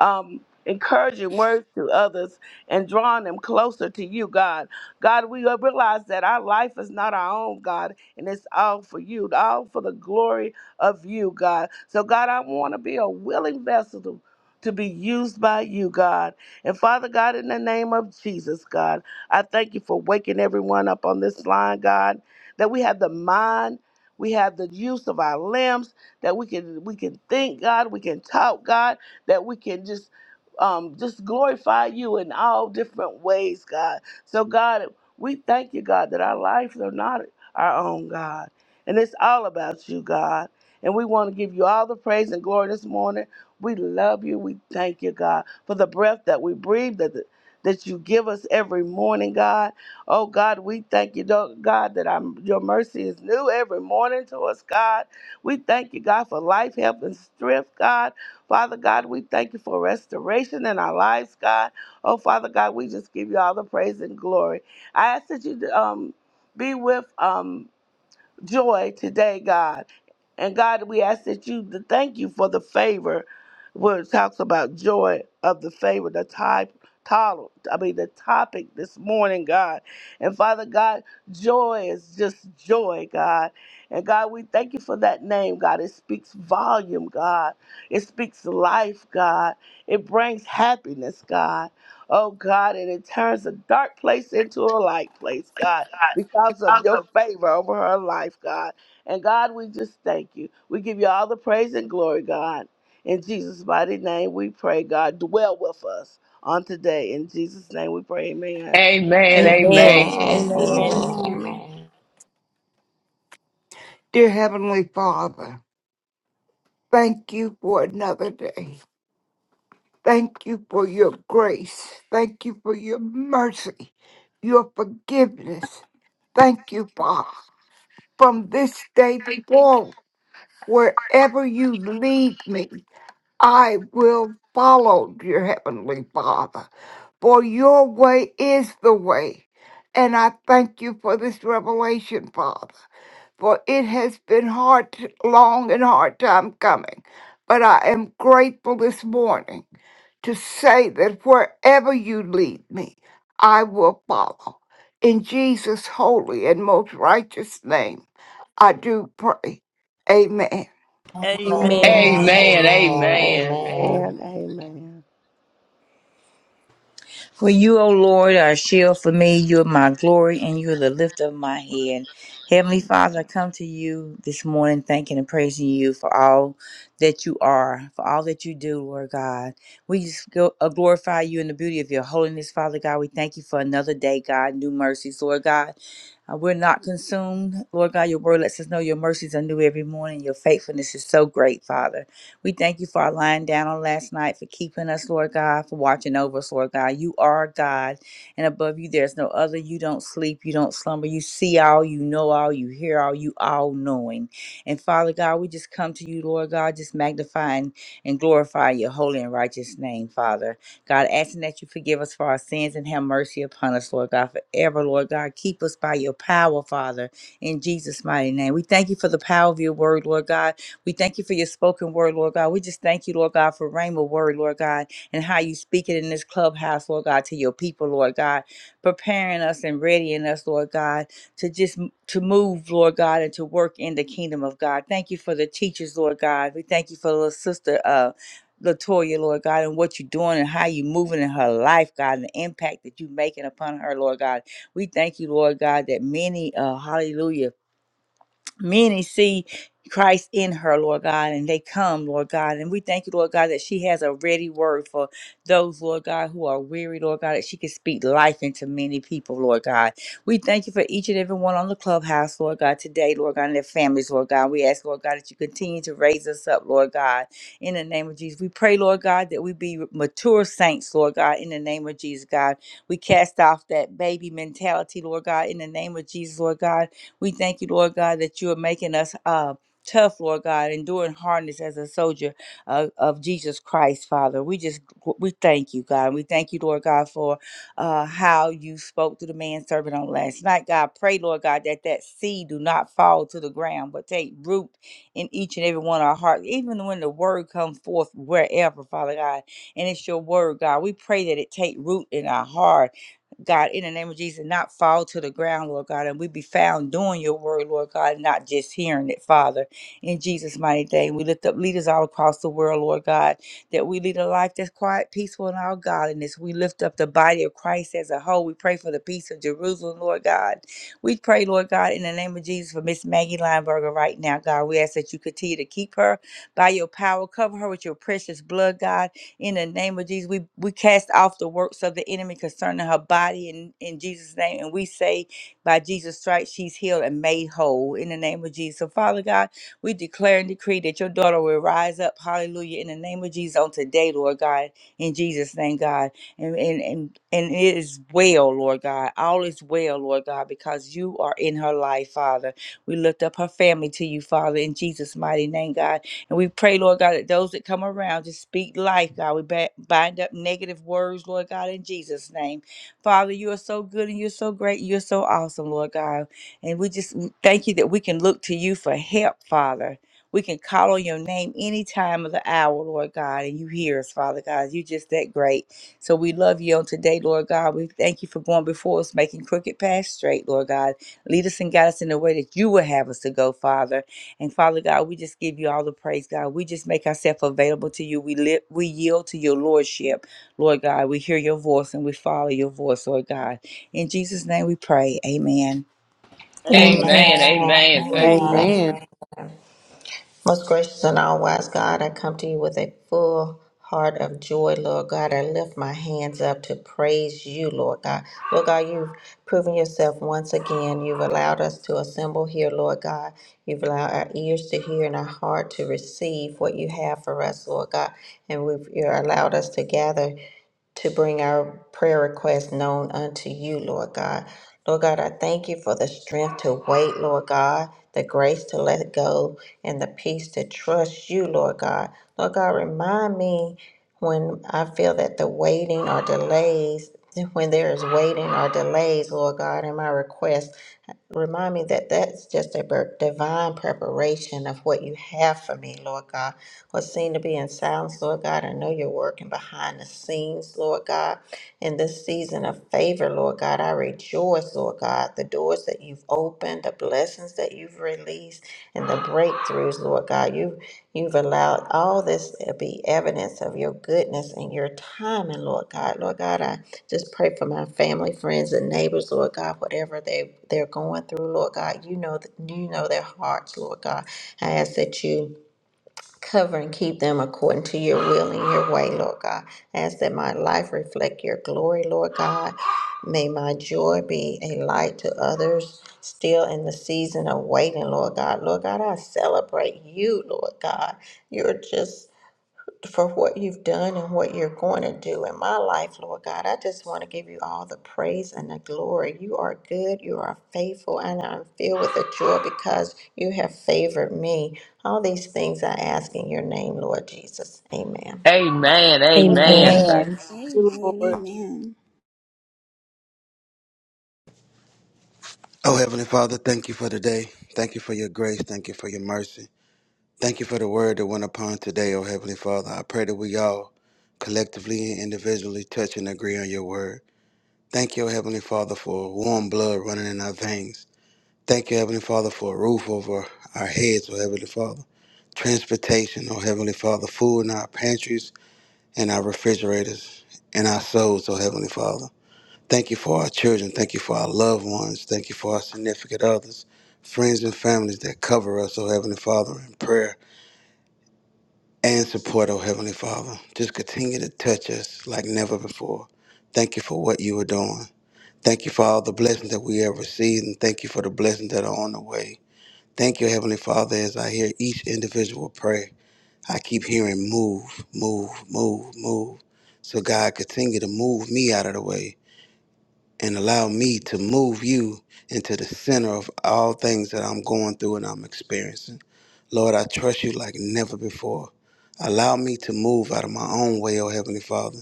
Speaker 8: um, encouraging words to others and drawing them closer to you, God. God, we realize that our life is not our own, God, and it's all for you, all for the glory of you, God. So, God, I want to be a willing vessel to, to be used by you, God. And Father God, in the name of Jesus, God, I thank you for waking everyone up on this line, God, that we have the mind. We have the use of our limbs that we can we can think, God. We can talk, God that we can just um, just glorify you in all different ways, God. So, God, we thank you, God, that our lives are not our own, God. And it's all about you, God. And we want to give you all the praise and glory this morning. We love you. We thank you, God, for the breath that we breathe, that, that you give us every morning, God. Oh, God, we thank you, though, God, that our, your mercy is new every morning to us, God. We thank you, God, for life, health, and strength, God. Father God, we thank you for restoration in our lives, God. Oh, Father God, we just give you all the praise and glory. I ask that you um, be with um, Joy today, God. And God, we ask that you to thank you for the favor where it talks about joy of the favor, the type title, I mean the topic this morning, God. And Father God, joy is just joy, God. And God, we thank you for that name, God. It speaks volume, God. It speaks life, God. It brings happiness, God. Oh God, and it turns a dark place into a light place, God, because of your favor over her life, God. And God, we just thank you. We give you all the praise and glory, God. In Jesus' mighty name, we pray, God, dwell with us on today. In Jesus' name, we pray, amen.
Speaker 3: Amen.
Speaker 5: Amen.
Speaker 3: Amen.
Speaker 1: Amen.
Speaker 2: Amen.
Speaker 4: Amen.
Speaker 7: Amen. Amen.
Speaker 4: Amen.
Speaker 2: Amen.
Speaker 4: Amen.
Speaker 6: Dear Heavenly Father, thank you for another day. Thank you for your grace. Thank you for your mercy, your forgiveness. Thank you, Father. From this day forward, wherever you lead me, I will follow your heavenly Father. For your way is the way. And I thank you for this revelation, Father for it has been hard, long and hard time coming. But I am grateful this morning to say that wherever you lead me, I will follow. In Jesus' holy and most righteous name, I do pray. Amen.
Speaker 4: Amen.
Speaker 5: Amen.
Speaker 1: Amen.
Speaker 4: Amen.
Speaker 7: Amen.
Speaker 3: Amen. Amen.
Speaker 4: Amen.
Speaker 8: And amen.
Speaker 7: For you, O Lord, are a shield for me. You are my glory, and you are the lift of my head. Heavenly Father, I come to you this morning thanking and praising you for all that you are, for all that you do, Lord God. We just go, uh, glorify you in the beauty of your holiness, Father God. We thank you for another day, God, new mercies, Lord God. Uh, we're not consumed, Lord God. Your word lets us know your mercies are new every morning. Your faithfulness is so great, Father. We thank you for our lying down on last night, for keeping us, Lord God, for watching over us, Lord God. You are God, and above you there's no other. You don't sleep, you don't slumber. You see all, you know all, you hear all, you all knowing. And Father God, we just come to you, Lord God, just magnifying and glorifying your holy and righteous name, Father. God, asking that you forgive us for our sins and have mercy upon us, Lord God, forever, Lord God. Keep us by your power, Father, in Jesus' mighty name. We thank you for the power of your word, Lord God. We thank you for your spoken word, Lord God. We just thank you, Lord God, for Rhema word, Lord God, and how you speak it in this clubhouse, Lord God, to your people, Lord God, preparing us and readying us, Lord God, to just m- to move, Lord God, and to work in the kingdom of God. Thank you for the teachers, Lord God. We thank you for little sister uh Latoya, Lord God, and what you're doing and how you're moving in her life, God, and the impact that you're making upon her, Lord God. We thank you, Lord God, that many, uh, hallelujah many see Christ in her, Lord God, and they come, Lord God. And we thank you, Lord God, that she has a ready word for those, Lord God, who are weary, Lord God, that she can speak life into many people, Lord God. We thank you for each and every one on the clubhouse, Lord God, today, Lord God, and their families, Lord God. We ask, Lord God, that you continue to raise us up, Lord God, in the name of Jesus. We pray, Lord God, that we be mature saints, Lord God, in the name of Jesus, God. We cast off that baby mentality, Lord God, in the name of Jesus, Lord God we thank you, Lord God, that you are making us uh, tough, Lord God, enduring hardness as a soldier of, of Jesus Christ, Father. We just, we thank you, God. We thank you, Lord God, for uh, how you spoke to the man servant on last night, God. Pray, Lord God, that that seed do not fall to the ground, but take root in each and every one of our hearts, even when the word comes forth wherever, Father God. And it's your word, God. We pray that it take root in our heart God, in the name of Jesus, not fall to the ground, Lord God, and we be found doing your word, Lord God, not just hearing it, Father. In Jesus' mighty name, we lift up leaders all across the world, Lord God, that we lead a life that's quiet, peaceful, and all godliness. We lift up the body of Christ as a whole. We pray for the peace of Jerusalem, Lord God. We pray, Lord God, in the name of Jesus, for Miss Maggie Lineberger right now, God. We ask that you continue to keep her by your power, cover her with your precious blood, God. In the name of Jesus, we, we cast off the works of the enemy concerning her body in, in Jesus' name. And we say, by Jesus' stripes, she's healed and made whole in the name of Jesus. So, Father God, we declare and decree that your daughter will rise up, hallelujah, in the name of Jesus on today, Lord God, in Jesus' name, God. And, and, and, and it is well, Lord God. All is well, Lord God, because you are in her life, Father. We lift up her family to you, Father, in Jesus' mighty name, God. And we pray, Lord God, that those that come around just speak life, God. We ba- bind up negative words, Lord God, in Jesus' name. Father, you are so good and you're so great. And you're so awesome, Lord God. And we just thank you that we can look to you for help, Father. We can call on your name any time of the hour, Lord God, and you hear us, Father God. You're just that great. So we love you on today, Lord God. We thank you for going before us, making crooked paths straight, Lord God. Lead us and guide us in the way that you will have us to go, Father. And Father God, we just give you all the praise, God. We just make ourselves available to you. We live, we yield to your lordship, Lord God. We hear your voice and we follow your voice, Lord God. In Jesus' name, we pray. Amen.
Speaker 1: Amen.
Speaker 5: Amen.
Speaker 3: Amen.
Speaker 4: Amen.
Speaker 3: Amen. Thank
Speaker 4: Amen.
Speaker 10: Amen.
Speaker 2: Amen.
Speaker 4: Amen. Most gracious and all wise God, I come to you with a full heart of joy, Lord God. I lift my hands up to praise you, Lord God. Lord God, you've proven yourself once again. You've allowed us to assemble here, Lord God. You've allowed our ears to hear and our heart to receive what you have for us, Lord God. And we've, you're allowed us to gather to bring our prayer requests known unto you, Lord God. Lord God, I thank you for the strength to wait, Lord God, the grace to let go, and the peace to trust you, Lord God. Lord God, remind me when I feel that the waiting or delays, when there is waiting or delays, Lord God, in my request. Remind me that that's just a bir- divine preparation of what you have for me, Lord God. What seemed to be in silence, Lord God, I know you're working behind the scenes, Lord God. In this season of favor, Lord God, I rejoice, Lord God. The doors that you've opened, the blessings that you've released, and the breakthroughs, Lord God. You've You've allowed all this to be evidence of your goodness and your timing, Lord God. Lord God, I. Just pray for my family, friends, and neighbors, Lord God, whatever they, they're going through, Lord God. You know th- you know their hearts, Lord God. I ask that you cover and keep them according to your will and your way, Lord God. I ask that my life reflect your glory, Lord God. May my joy be a light to others still in the season of waiting, Lord God. Lord God, I celebrate you, Lord God. You're just for what you've done and what you're going to do in my life, Lord God. I just want to give you all the praise and the glory. You are good, you are faithful, and I'm filled with the joy because you have favored me. All these things I ask in your name, Lord Jesus. Amen.
Speaker 3: Amen.
Speaker 5: Thank
Speaker 3: Amen. Thank
Speaker 7: Amen.
Speaker 2: Amen.
Speaker 5: you, Lord.
Speaker 2: Amen.
Speaker 12: Oh, Heavenly Father, thank you for today. Thank you for your grace. Thank you for your mercy. Thank you for the word that went upon today, oh Heavenly Father. I pray that we all collectively and individually touch and agree on your word. Thank you, oh Heavenly Father, for warm blood running in our veins. Thank you, Heavenly Father, for a roof over our heads, oh Heavenly Father. Transportation, oh Heavenly Father, food in our pantries and our refrigerators and our souls, oh Heavenly Father. Thank you for our children. Thank you for our loved ones. Thank you for our significant others, friends and families that cover us, oh Heavenly Father, in prayer and support, oh Heavenly Father. Just continue to touch us like never before. Thank you for what you are doing. Thank you for all the blessings that we have received, and thank you for the blessings that are on the way. Thank you, Heavenly Father, as I hear each individual pray. I keep hearing move, move, move, move. So, God, continue to move me out of the way and allow me to move you into the center of all things that I'm going through and I'm experiencing. Lord, I trust you like never before. Allow me to move out of my own way, oh Heavenly Father,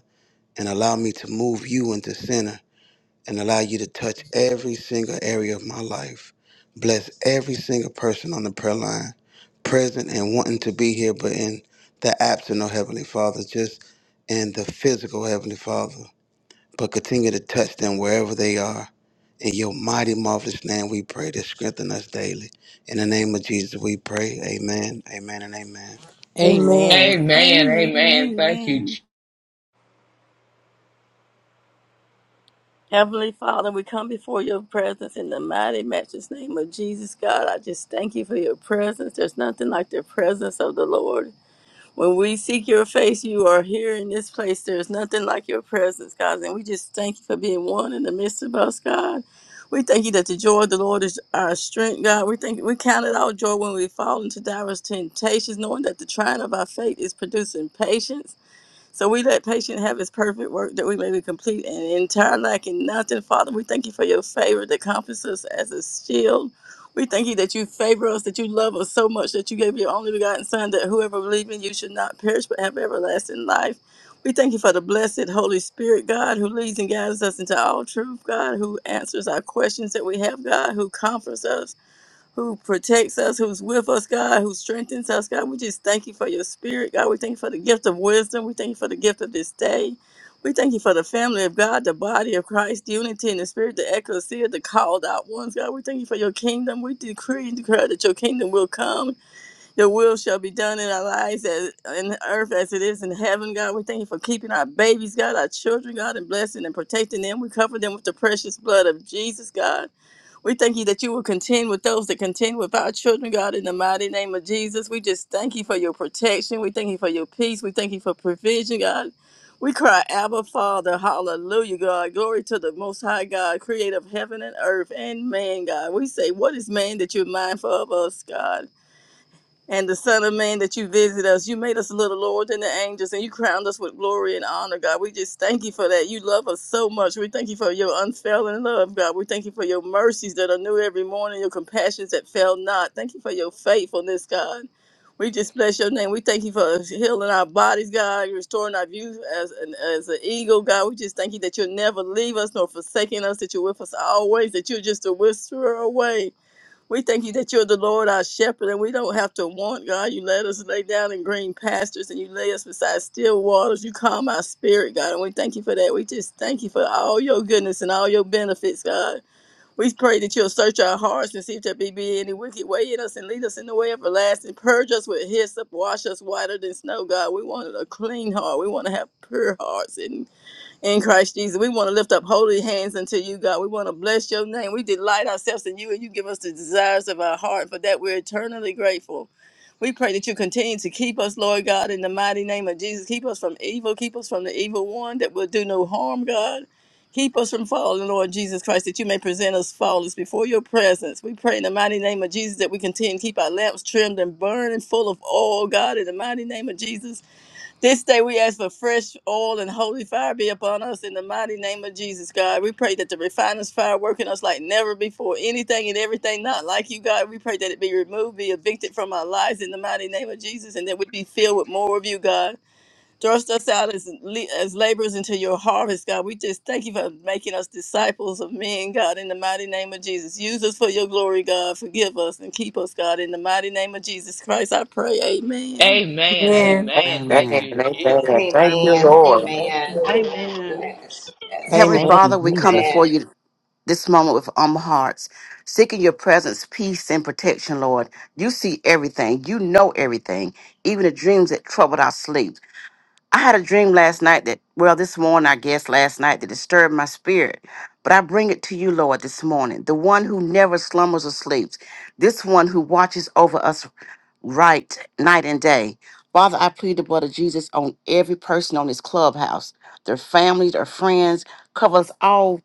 Speaker 12: and allow me to move you into center and allow you to touch every single area of my life. Bless every single person on the prayer line, present and wanting to be here, but in the absent, oh Heavenly Father, just in the physical, oh Heavenly Father but continue to touch them wherever they are. In your mighty, marvelous name, we pray to strengthen us daily. In the name of Jesus, we pray. Amen, amen, and amen.
Speaker 10: Amen.
Speaker 3: Amen.
Speaker 2: Amen.
Speaker 3: Amen. Thank you.
Speaker 2: Amen.
Speaker 3: Je-
Speaker 5: Heavenly Father, we come before your presence in the mighty, matchless name of Jesus, God. I just thank you for your presence. There's nothing like the presence of the Lord. When we seek your face, you are here in this place. There's nothing like your presence, God. And we just thank you for being one in the midst of us, God. We thank you that the joy of the Lord is our strength, God. We thank we count it our joy when we fall into diverse temptations, knowing that the trying of our faith is producing patience. So we let patient have his perfect work that we may be complete and entire lacking nothing. Father, we thank you for your favor that comforts us as a shield. We thank you that you favor us, that you love us so much that you gave your only begotten Son, that whoever believes in you should not perish but have everlasting life. We thank you for the blessed Holy Spirit, God, who leads and guides us into all truth, God, who answers our questions that we have, God, who comforts us who protects us, who's with us, God, who strengthens us, God. We just thank you for your spirit, God. We thank you for the gift of wisdom. We thank you for the gift of this day. We thank you for the family of God, the body of Christ, the unity in the spirit, the ecclesia, the called out ones, God. We thank you for your kingdom. We decree and declare that your kingdom will come. Your will shall be done in our lives as in earth as it is in heaven, God. We thank you for keeping our babies, God, our children, God, and blessing and protecting them. We cover them with the precious blood of Jesus, God. We thank you that you will contend with those that contend with our children, God, in the mighty name of Jesus. We just thank you for your protection. We thank you for your peace. We thank you for provision, God. We cry, Abba, Father, hallelujah, God. Glory to the Most High God, creator of heaven and earth and man, God. We say, What is man that you're mindful of us, God? and the Son of Man that you visit us. You made us little Lord than the angels, and you crowned us with glory and honor, God. We just thank you for that. You love us so much. We thank you for your unfailing love, God. We thank you for your mercies that are new every morning, your compassions that fail not. Thank you for your faithfulness, God. We just bless your name. We thank you for healing our bodies, God, restoring our views as an, as an eagle, God. We just thank you that you'll never leave us nor forsaking us, that you're with us always, that you're just a whisperer away. We thank you that you're the Lord, our shepherd, and we don't have to want, God. You let us lay down in green pastures and you lay us beside still waters. You calm our spirit, God, and we thank you for that. We just thank you for all your goodness and all your benefits, God. We pray that you'll search our hearts and see if there be, be any wicked way in us and lead us in the way everlasting. Purge us with hyssop, wash us whiter than snow, God. We want a clean heart. We want to have pure hearts in Christ Jesus. We want to lift up holy hands unto you, God. We want to bless your name. We delight ourselves in you, and you give us the desires of our heart. For that, we're eternally grateful. We pray that you continue to keep us, Lord God, in the mighty name of Jesus. Keep us from evil. Keep us from the evil one that will do no harm, God. Keep us from falling, Lord Jesus Christ, that you may present us faultless before your presence. We pray in the mighty name of Jesus that we continue to keep our lamps trimmed and burning full of oil, God, in the mighty name of Jesus. This day we ask for fresh oil and holy fire be upon us in the mighty name of Jesus, God. We pray that the refiner's fire work in us like never before. Anything and everything not like you, God. We pray that it be removed, be evicted from our lives in the mighty name of Jesus, and that we be filled with more of you, God. Thrust us out as le- as laborers into your harvest, God. We just thank you for making us disciples of men, God, in the mighty name of Jesus. Use us for your glory, God. Forgive us and keep us, God, in the mighty name of Jesus Christ. I pray. Amen.
Speaker 3: Amen. Amen. Thank
Speaker 11: Amen.
Speaker 9: Amen.
Speaker 3: you, Jesus.
Speaker 11: Amen. Thank you,
Speaker 4: Amen.
Speaker 8: Amen.
Speaker 11: Lord.
Speaker 4: Amen. Yes.
Speaker 9: Heavenly
Speaker 4: Yes.
Speaker 13: Thank
Speaker 10: Amen.
Speaker 13: you,
Speaker 9: Father, we come
Speaker 13: Jesus.
Speaker 4: Amen.
Speaker 9: before you this moment with humble hearts, seeking your presence, peace, and protection, Lord. You see everything. You know everything, even the dreams that troubled our sleep. I had a dream last night that, well, this morning, I guess last night, that disturbed my spirit. But I bring it to you, Lord, this morning, the one who never slumbers or sleeps, this one who watches over us right night and day. Father, I plead the blood of Jesus on every person on this clubhouse, their families, their friends. Cover us all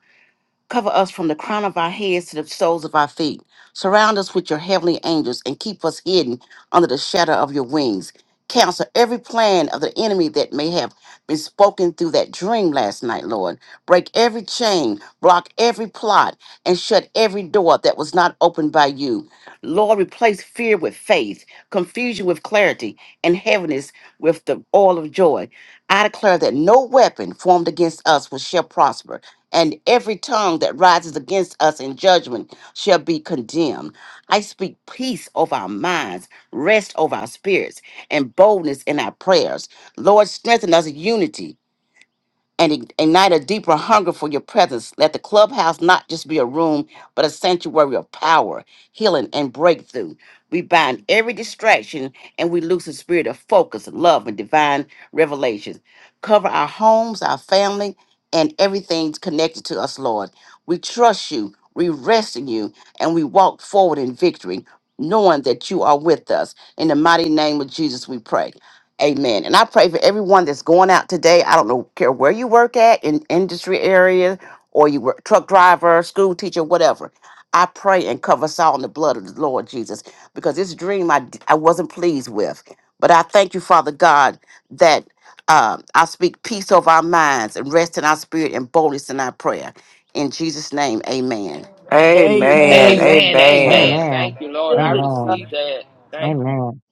Speaker 9: Cover us from the crown of our heads to the soles of our feet. Surround us with your heavenly angels and keep us hidden under the shadow of your wings. Cancel every plan of the enemy that may have been spoken through that dream last night, Lord. Break every chain, block every plot, and shut every door that was not opened by you. Lord, replace fear with faith, confusion with clarity, and heaviness with the oil of joy. I declare that no weapon formed against us will shall prosper and every tongue that rises against us in judgment shall be condemned. I speak peace over our minds, rest over our spirits, and boldness in our prayers. Lord, strengthen us in unity and ig- ignite a deeper hunger for your presence. Let the clubhouse not just be a room, but a sanctuary of power, healing, and breakthrough. We bind every distraction and we lose the spirit of focus, love, and divine revelation. Cover our homes, our family, and everything connected to us, Lord. We trust you, we rest in you, and we walk forward in victory, knowing that you are with us. In the mighty name of Jesus, we pray. Amen. And I pray for everyone that's going out today. I don't know care where you work at in industry area or you were truck driver, school teacher, whatever. I pray and cover us all in the blood of the Lord Jesus because this dream I I d- I wasn't pleased with. But I thank you, Father God, that um, I speak peace over our minds and rest in our spirit and boldness in our prayer. In Jesus' name, amen.
Speaker 11: Amen.
Speaker 5: Amen,
Speaker 11: Amen.
Speaker 1: Amen.
Speaker 3: Amen.
Speaker 11: Amen.
Speaker 3: Amen. Thank
Speaker 13: Amen.
Speaker 3: you, Lord.
Speaker 5: Thank
Speaker 3: I
Speaker 5: you, God.
Speaker 3: receive
Speaker 13: Amen.
Speaker 3: that. Thank you.
Speaker 13: Amen.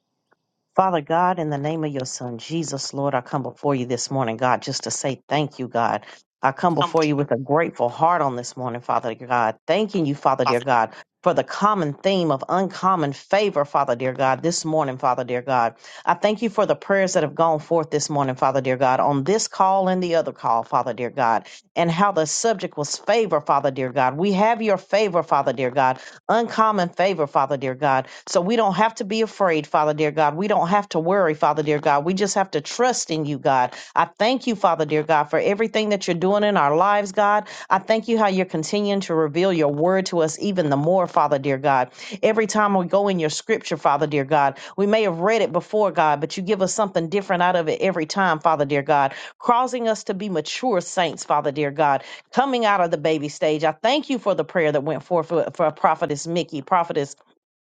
Speaker 13: Father God, in the name of your son, Jesus, Lord, I come before you this morning, God, just to say thank you, God. I come before you with a grateful heart on this morning, Father God, thanking you, Father dear God, for the common theme of uncommon favor, Father dear God, this morning, Father dear God. I thank you for the prayers that have gone forth this morning, Father dear God, on this call and the other call, Father dear God, and how the subject was favor, Father dear God. We have your favor, Father dear God. uncommon favor, Father dear God. So we don't have to be afraid, Father dear God. We don't have to worry, Father dear God. We just have to trust in you, God. I thank you, Father dear God, for everything that you're doing in our lives, God. I thank you how you're continuing to reveal your word to us even the more, Father dear God. Every time we go in your scripture, Father dear God, we may have read it before, God, but you give us something different out of it every time, Father dear God, causing us to be mature saints, Father dear God coming out of the baby stage. I thank you for the prayer that went forth for, for Prophetess Mickey, Prophetess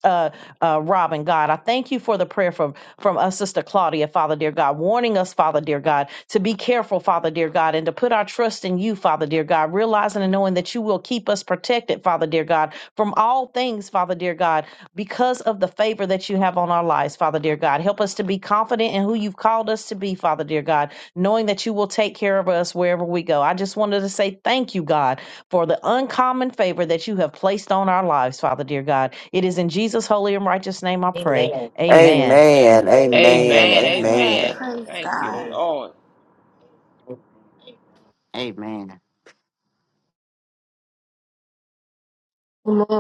Speaker 13: uh, uh, Robin, God. I thank you for the prayer from from us, Sister Claudia, Father, dear God, warning us, Father, dear God, to be careful, Father, dear God, and to put our trust in you, Father, dear God, realizing and knowing that you will keep us protected, Father, dear God, from all things, Father, dear God, because of the favor that you have on our lives, Father, dear God. Help us to be confident in who you've called us to be, Father, dear God, knowing that you will take care of us wherever we go. I just wanted to say thank you, God for the uncommon favor that you have placed on our lives, Father dear God. It is in Jesus' holy and righteous name I pray. Amen.
Speaker 11: Amen.
Speaker 5: Thank
Speaker 11: Amen.
Speaker 3: Amen.
Speaker 2: Amen.
Speaker 11: Amen.
Speaker 3: Amen.
Speaker 2: Praise
Speaker 3: Thank you,
Speaker 2: God.
Speaker 11: Thank
Speaker 3: Lord.
Speaker 9: Amen.
Speaker 1: Amen.